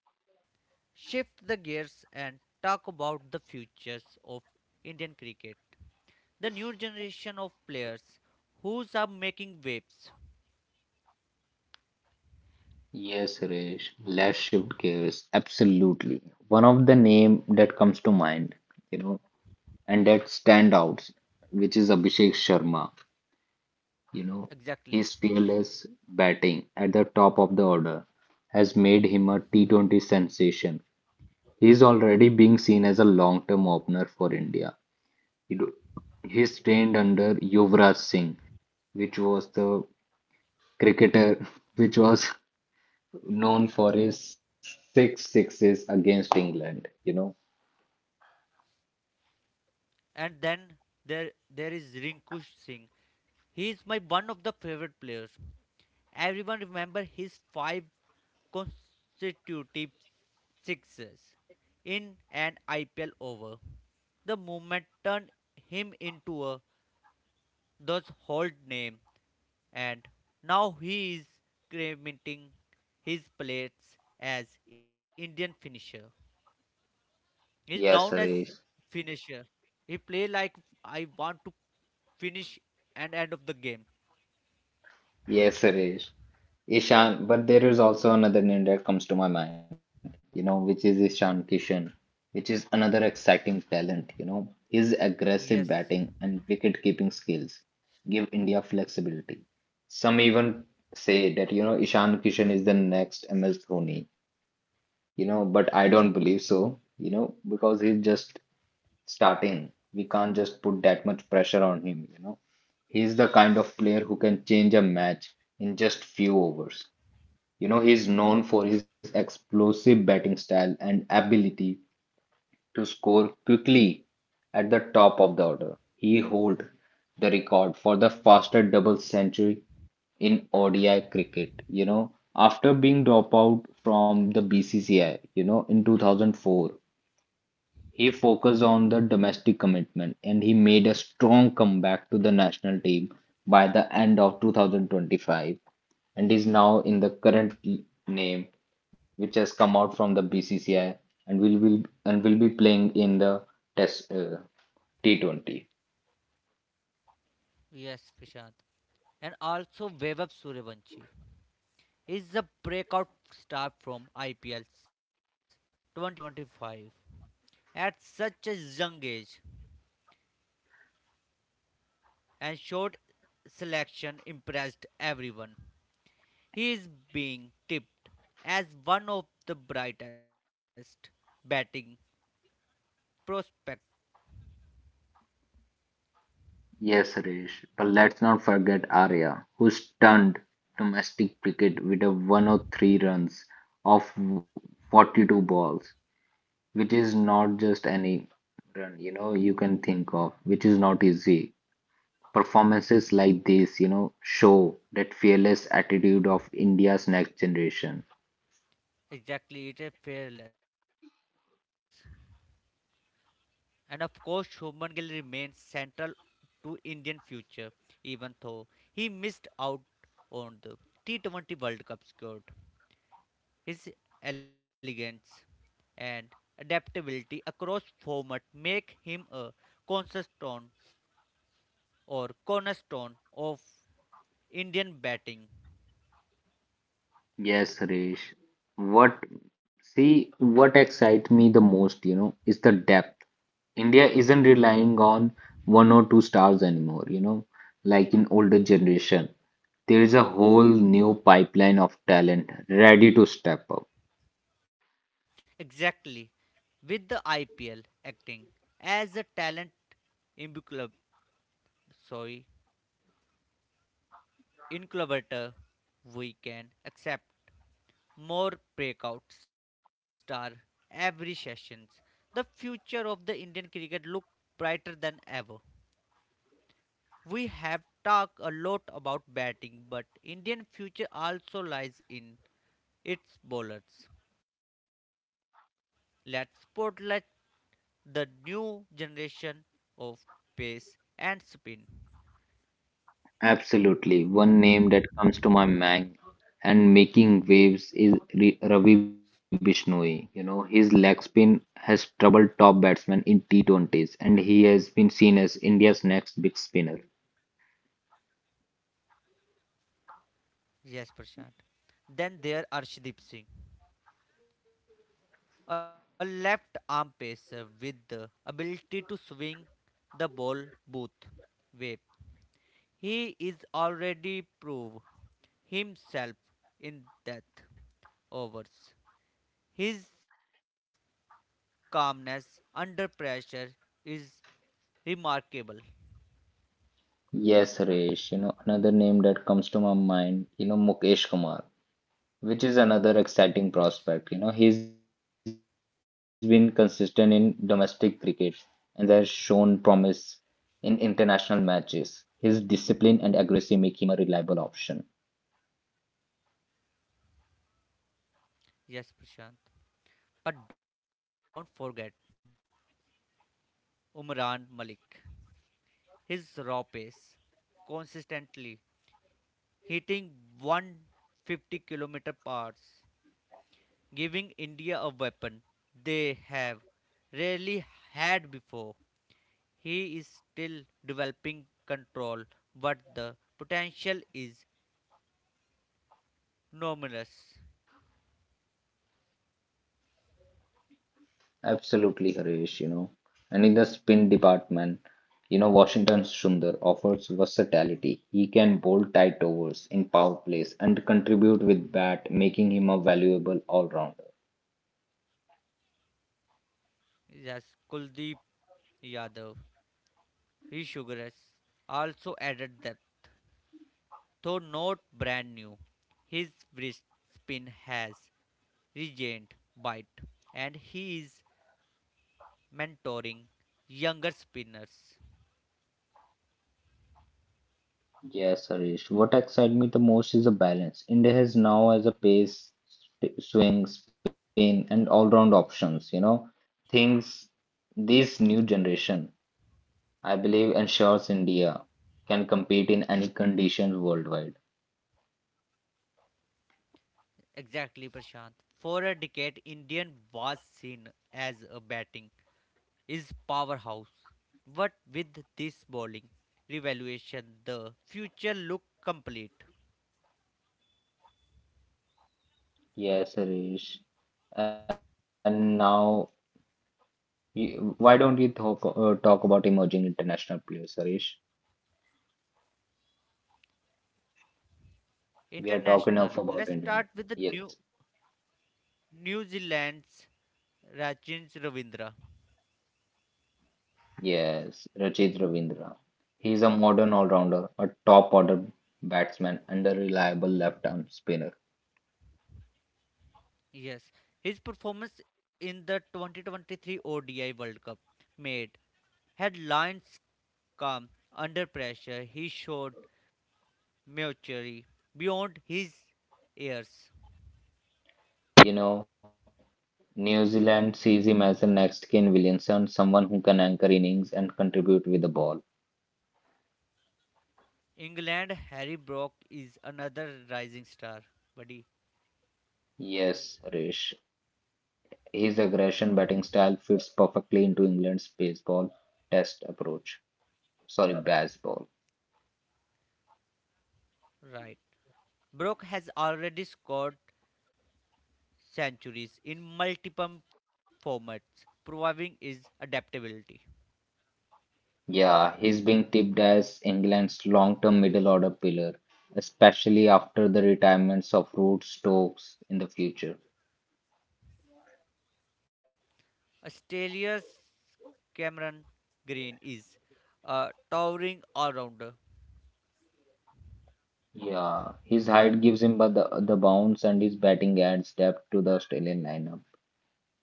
Speaker 1: shift the gears and talk about the futures of Indian cricket. The new generation of players who's are making waves.
Speaker 2: Yes, Suresh, let's shift gears. Absolutely. One of the name that comes to mind, you know, and that standouts, which is Abhishek Sharma. You know,
Speaker 1: Exactly.
Speaker 2: his fearless batting at the top of the order has made him a T20 sensation. He is already being seen as a long-term opener for India. He, do, he is trained under Yuvraj Singh, which was the cricketer which was known for his six sixes against England. You know.
Speaker 1: And then there there is Rinku Singh. He is my one of the favorite players. Everyone remember his five consecutive sixes in an IPL over. The moment turned him into a thus old name, and now he is cremating his plates as Indian finisher. He's known
Speaker 2: Yes,
Speaker 1: as
Speaker 2: Harish.
Speaker 1: finisher. He play like I want to finish and end of the game.
Speaker 2: Yes, Suresh. But there is also another name that comes to my mind, you know, which is Ishan Kishan, which is another exciting talent, you know. His aggressive
Speaker 1: Yes,
Speaker 2: batting and wicket keeping skills give India flexibility. Some even say that, you know, Ishan Kishan is the next MS Dhoni, you know, but I don't believe so, you know, because he's just starting. We can't just put that much pressure on him, you know. He's the kind of player who can change a match in just few overs. You know, he's known for his explosive batting style and ability to score quickly at the top of the order. He holds the record for the fastest double century in ODI cricket, you know, after being dropped out from the BCCI, you know, in 2004. He focused on the domestic commitment and he made a strong comeback to the national team by the end of 2025 and is now in the current name which has come out from the BCCI and will be playing in the test T20.
Speaker 1: yes, Prashant. And also Vaibhav Suryavanshi is a breakout star from IPL's 2025. At such a young age, and short selection impressed everyone. He is being tipped as one of the brightest batting prospects.
Speaker 2: Yes, Rish, but let's not forget Arya who stunned domestic cricket with a 103 runs off 42 balls which is not just any run, you know, you can think of, which is not easy. Performances like this, you know, show that fearless attitude of India's next generation.
Speaker 1: Exactly, it is fearless. And of course, Shubman Gill remains central to Indian future, even though he missed out on the T20 World Cup squad. His elegance and adaptability across format make him a cornerstone cornerstone of Indian batting.
Speaker 2: Yes, Harish. What what excites me the most, you know, is the depth. India isn't relying on one or two stars anymore, you know, like in older generation. There is a whole new pipeline of talent ready to step up.
Speaker 1: Exactly, with the IPL acting as a talent incubator, sorry, incubator, we can accept more breakout star every sessions. The future of the Indian cricket look brighter than ever. We have talked a lot about batting, but Indian future also lies in its bowlers. Let's spotlight the new generation of pace and spin.
Speaker 2: Absolutely. One name that comes to my mind and making waves is Ravi Bishnoi. You know, his leg spin has troubled top batsmen in T20s, and he has been seen as India's next big spinner.
Speaker 1: Yes, Prashant. Then there are Arshdeep Singh, a left arm pacer with the ability to swing the ball both ways. He is already proved himself in death overs. His calmness under pressure is remarkable.
Speaker 2: Yes, Suresh. You know, another name that comes to my mind, you know, Mukesh Kumar, which is
Speaker 1: Yes,
Speaker 2: another exciting prospect. You know, he's been consistent in domestic cricket and has shown promise in international matches. His discipline and aggression make him a reliable option.
Speaker 1: yes, Prashant. But don't forget Umran Malik. His raw pace, consistently hitting 150 km hours, giving India a weapon they have rarely had before. He is still developing control, but the potential is enormous.
Speaker 2: Absolutely, Harish, you know. And in the spin department, you know, Washington Sundar offers versatility. He can bowl tight overs in power plays and contribute with bat, making him a valuable all-rounder.
Speaker 1: Yes, Kuldeep Yadav, Rishugaras also added depth. Though not brand new, his wrist spin has regained bite and he is mentoring younger spinners.
Speaker 2: Yes, Harish. What excites me the most is the balance. India has now as a pace, swing, spin, and all-round options. You know, things this new generation, I believe, ensures India can compete in any conditions worldwide.
Speaker 1: Exactly, Prashant. For a decade, Indian was seen as a batting is powerhouse. But with this bowling revaluation, the future look complete.
Speaker 2: Yes, Harish. And now, you, why don't you talk talk about emerging international players, Harish?
Speaker 1: International.
Speaker 2: We
Speaker 1: Let's
Speaker 2: are
Speaker 1: start
Speaker 2: talking
Speaker 1: with the
Speaker 2: enough about
Speaker 1: new
Speaker 2: India. Yes.
Speaker 1: New Zealand's Rachin Ravindra.
Speaker 2: Yes, Rachit Ravindra. He is a modern all-rounder, a top-order batsman and a reliable left-arm spinner.
Speaker 1: Yes, his performance in the 2023 ODI World Cup made headlines calm under pressure. He showed maturity beyond his years.
Speaker 2: You know, New Zealand sees him as the next Kane Williamson, someone who can anchor innings and contribute with the ball.
Speaker 1: England Harry Brock is another rising star. Buddy,
Speaker 2: Yes, Rish. His aggression batting style fits perfectly into England's baseball test approach. Sorry, baseball.
Speaker 1: right. Brock has already scored centuries in multiple formats, proving his adaptability.
Speaker 2: Yeah, he's being tipped as England's long-term middle order pillar, especially after the retirements of Root Stokes in the future.
Speaker 1: Stelios Cameron Green is a towering all-rounder.
Speaker 2: Yeah, his height gives him but the bounce and his batting adds depth to the Australian lineup.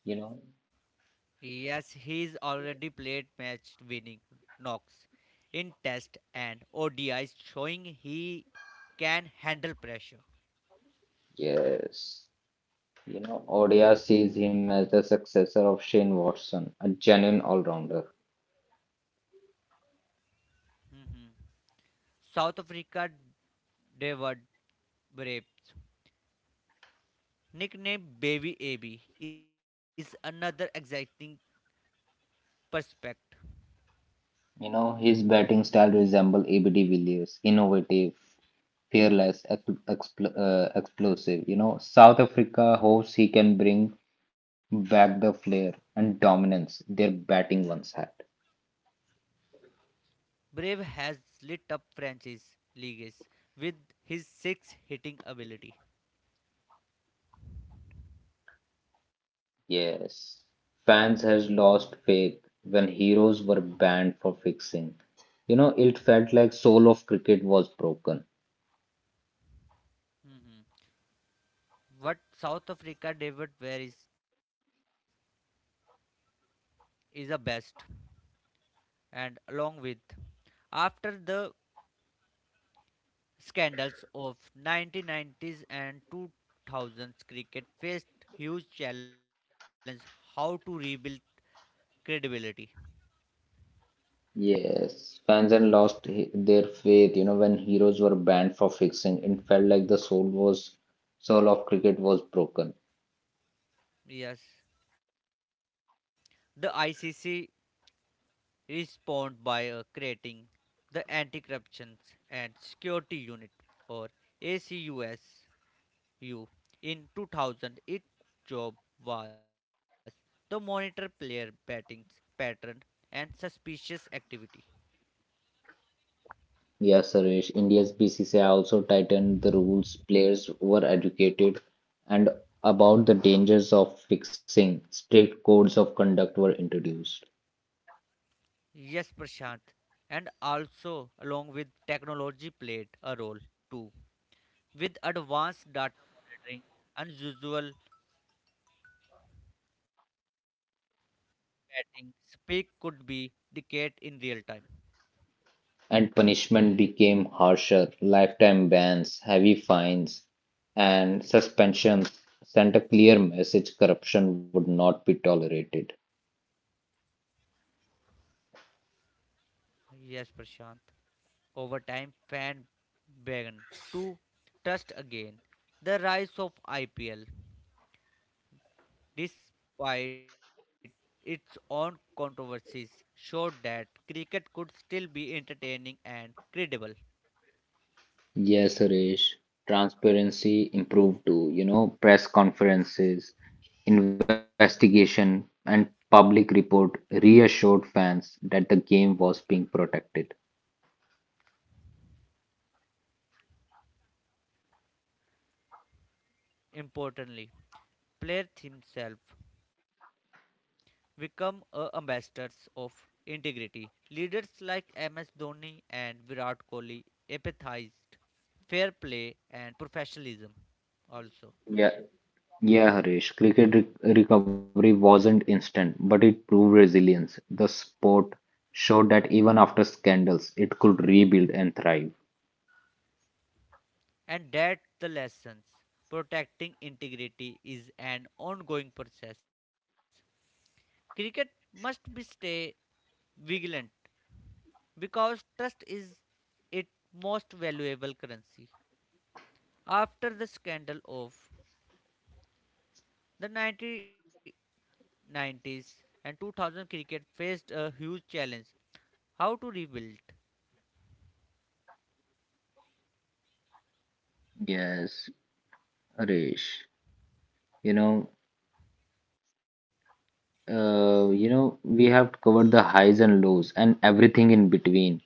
Speaker 2: You know,
Speaker 1: Yes, he's already played match-winning knocks in Test and ODIs, showing he can handle pressure.
Speaker 2: yes, you know, ODI sees him as the successor of Shane Watson, a genuine all-rounder.
Speaker 1: Mhm. South Africa David Braves, nicknamed Baby AB, is another exciting prospect.
Speaker 2: You know, his batting style resembles ABD Villiers, innovative, fearless, ex expl explosive. You know, South Africa hopes he can bring back the flair and dominance their batting once had.
Speaker 1: Brave has lit up franchise leagues with his six hitting ability.
Speaker 2: Yes, fans has lost faith when heroes were banned for fixing. You know, it felt like soul of cricket was broken.
Speaker 1: Hmm. What South Africa David Ware is the best, and along with after the scandals of 1990s and 2000s, cricket faced huge challenge how to rebuild credibility.
Speaker 2: Yes, fans had lost their faith. You know, when heroes were banned for fixing, it felt like the soul of cricket was broken.
Speaker 1: Yes, the ICC respond by creating the Anti-Corruption and Security Unit or ACUSU. In 2000, its job was to monitor player betting pattern and suspicious activity.
Speaker 2: Yes, Suresh, India's BCCI also tightened the rules. Players were educated and about the dangers of fixing. Strict codes of conduct were introduced,
Speaker 1: Yes, Prashant, and also along with technology played a role too, with advanced data monitoring, unusual betting, speak could be detected in real time.
Speaker 2: and punishment became harsher. Lifetime bans, heavy fines, and suspensions sent a clear message corruption would not be tolerated.
Speaker 1: Yes, Prashant. Over time, fan began to trust again the rise of IPL, despite its own controversies, showed that cricket could still be entertaining and credible.
Speaker 2: Yes, Suresh. Transparency improved too. You know, press conferences, investigation, and public report reassured fans that the game was being protected.
Speaker 1: Importantly, players himself become a ambassadors of integrity. Leaders like MS Dhoni and Virat Kohli empathized fair play and professionalism also.
Speaker 2: Yeah, yeah, Harish. Cricket recovery wasn't instant, but it proved resilience. The sport showed that even after scandals, it could rebuild and thrive.
Speaker 1: And that the lessons protecting integrity is an ongoing process. Cricket must be stay vigilant because trust is its most valuable currency. After the scandal of the 1990s and 2000 cricket faced a huge challenge how to rebuild.
Speaker 2: Yes, Harish. You know, you know, we have covered the highs and lows and everything in between,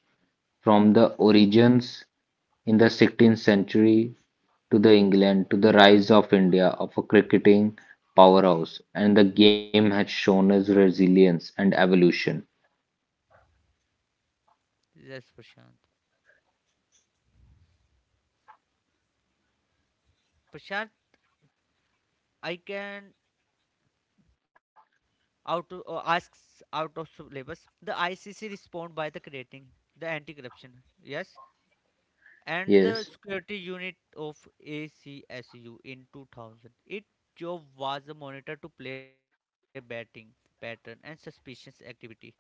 Speaker 2: from the origins in the 16th century to the England to the rise of India of a cricketing powerhouse, and the game has shown us resilience and evolution.
Speaker 1: Yes, Prashant. Prashant, I can out of, asks out of syllabus the ICC respond by the creating the anti corruption. Yes,
Speaker 2: Yes,
Speaker 1: and the security unit of ACSU in 2000, its job was a monitor to play batting pattern and suspicious activity.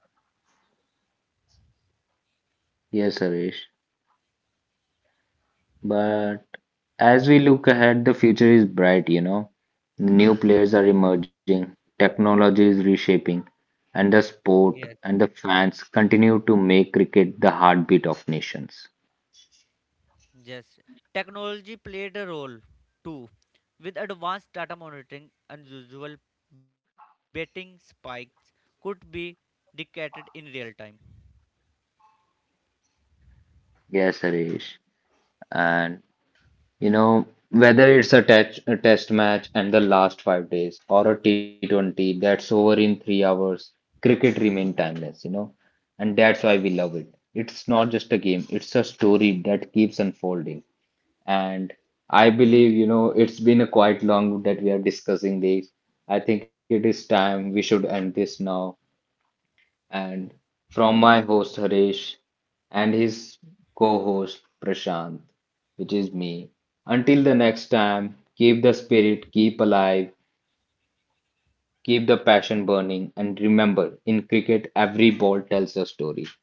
Speaker 2: yes, Harish. But as we look ahead, the future is bright, you know. New players are
Speaker 1: Mm.
Speaker 2: emerging, technology is reshaping, and the sport and the
Speaker 1: Yes.
Speaker 2: fans continue to make cricket the heartbeat of nations.
Speaker 1: Yes, technology played a role too, with advanced data monitoring. Unusual betting spikes could be detected in real time.
Speaker 2: Yes, Harish. And you know, whether it's a test match and the last 5 days or a T20 that's over in 3 hours, cricket remains timeless, you know, and that's why we love it. It's not just a game, it's a story that keeps unfolding. And I believe, you know, it's been a quite long that we are discussing this. I think it is time we should end this now. And from my host Harish and his co-host Prashant, which is me. Until the next time, keep the spirit, keep alive, keep the passion burning, and remember, in cricket, every ball tells a story.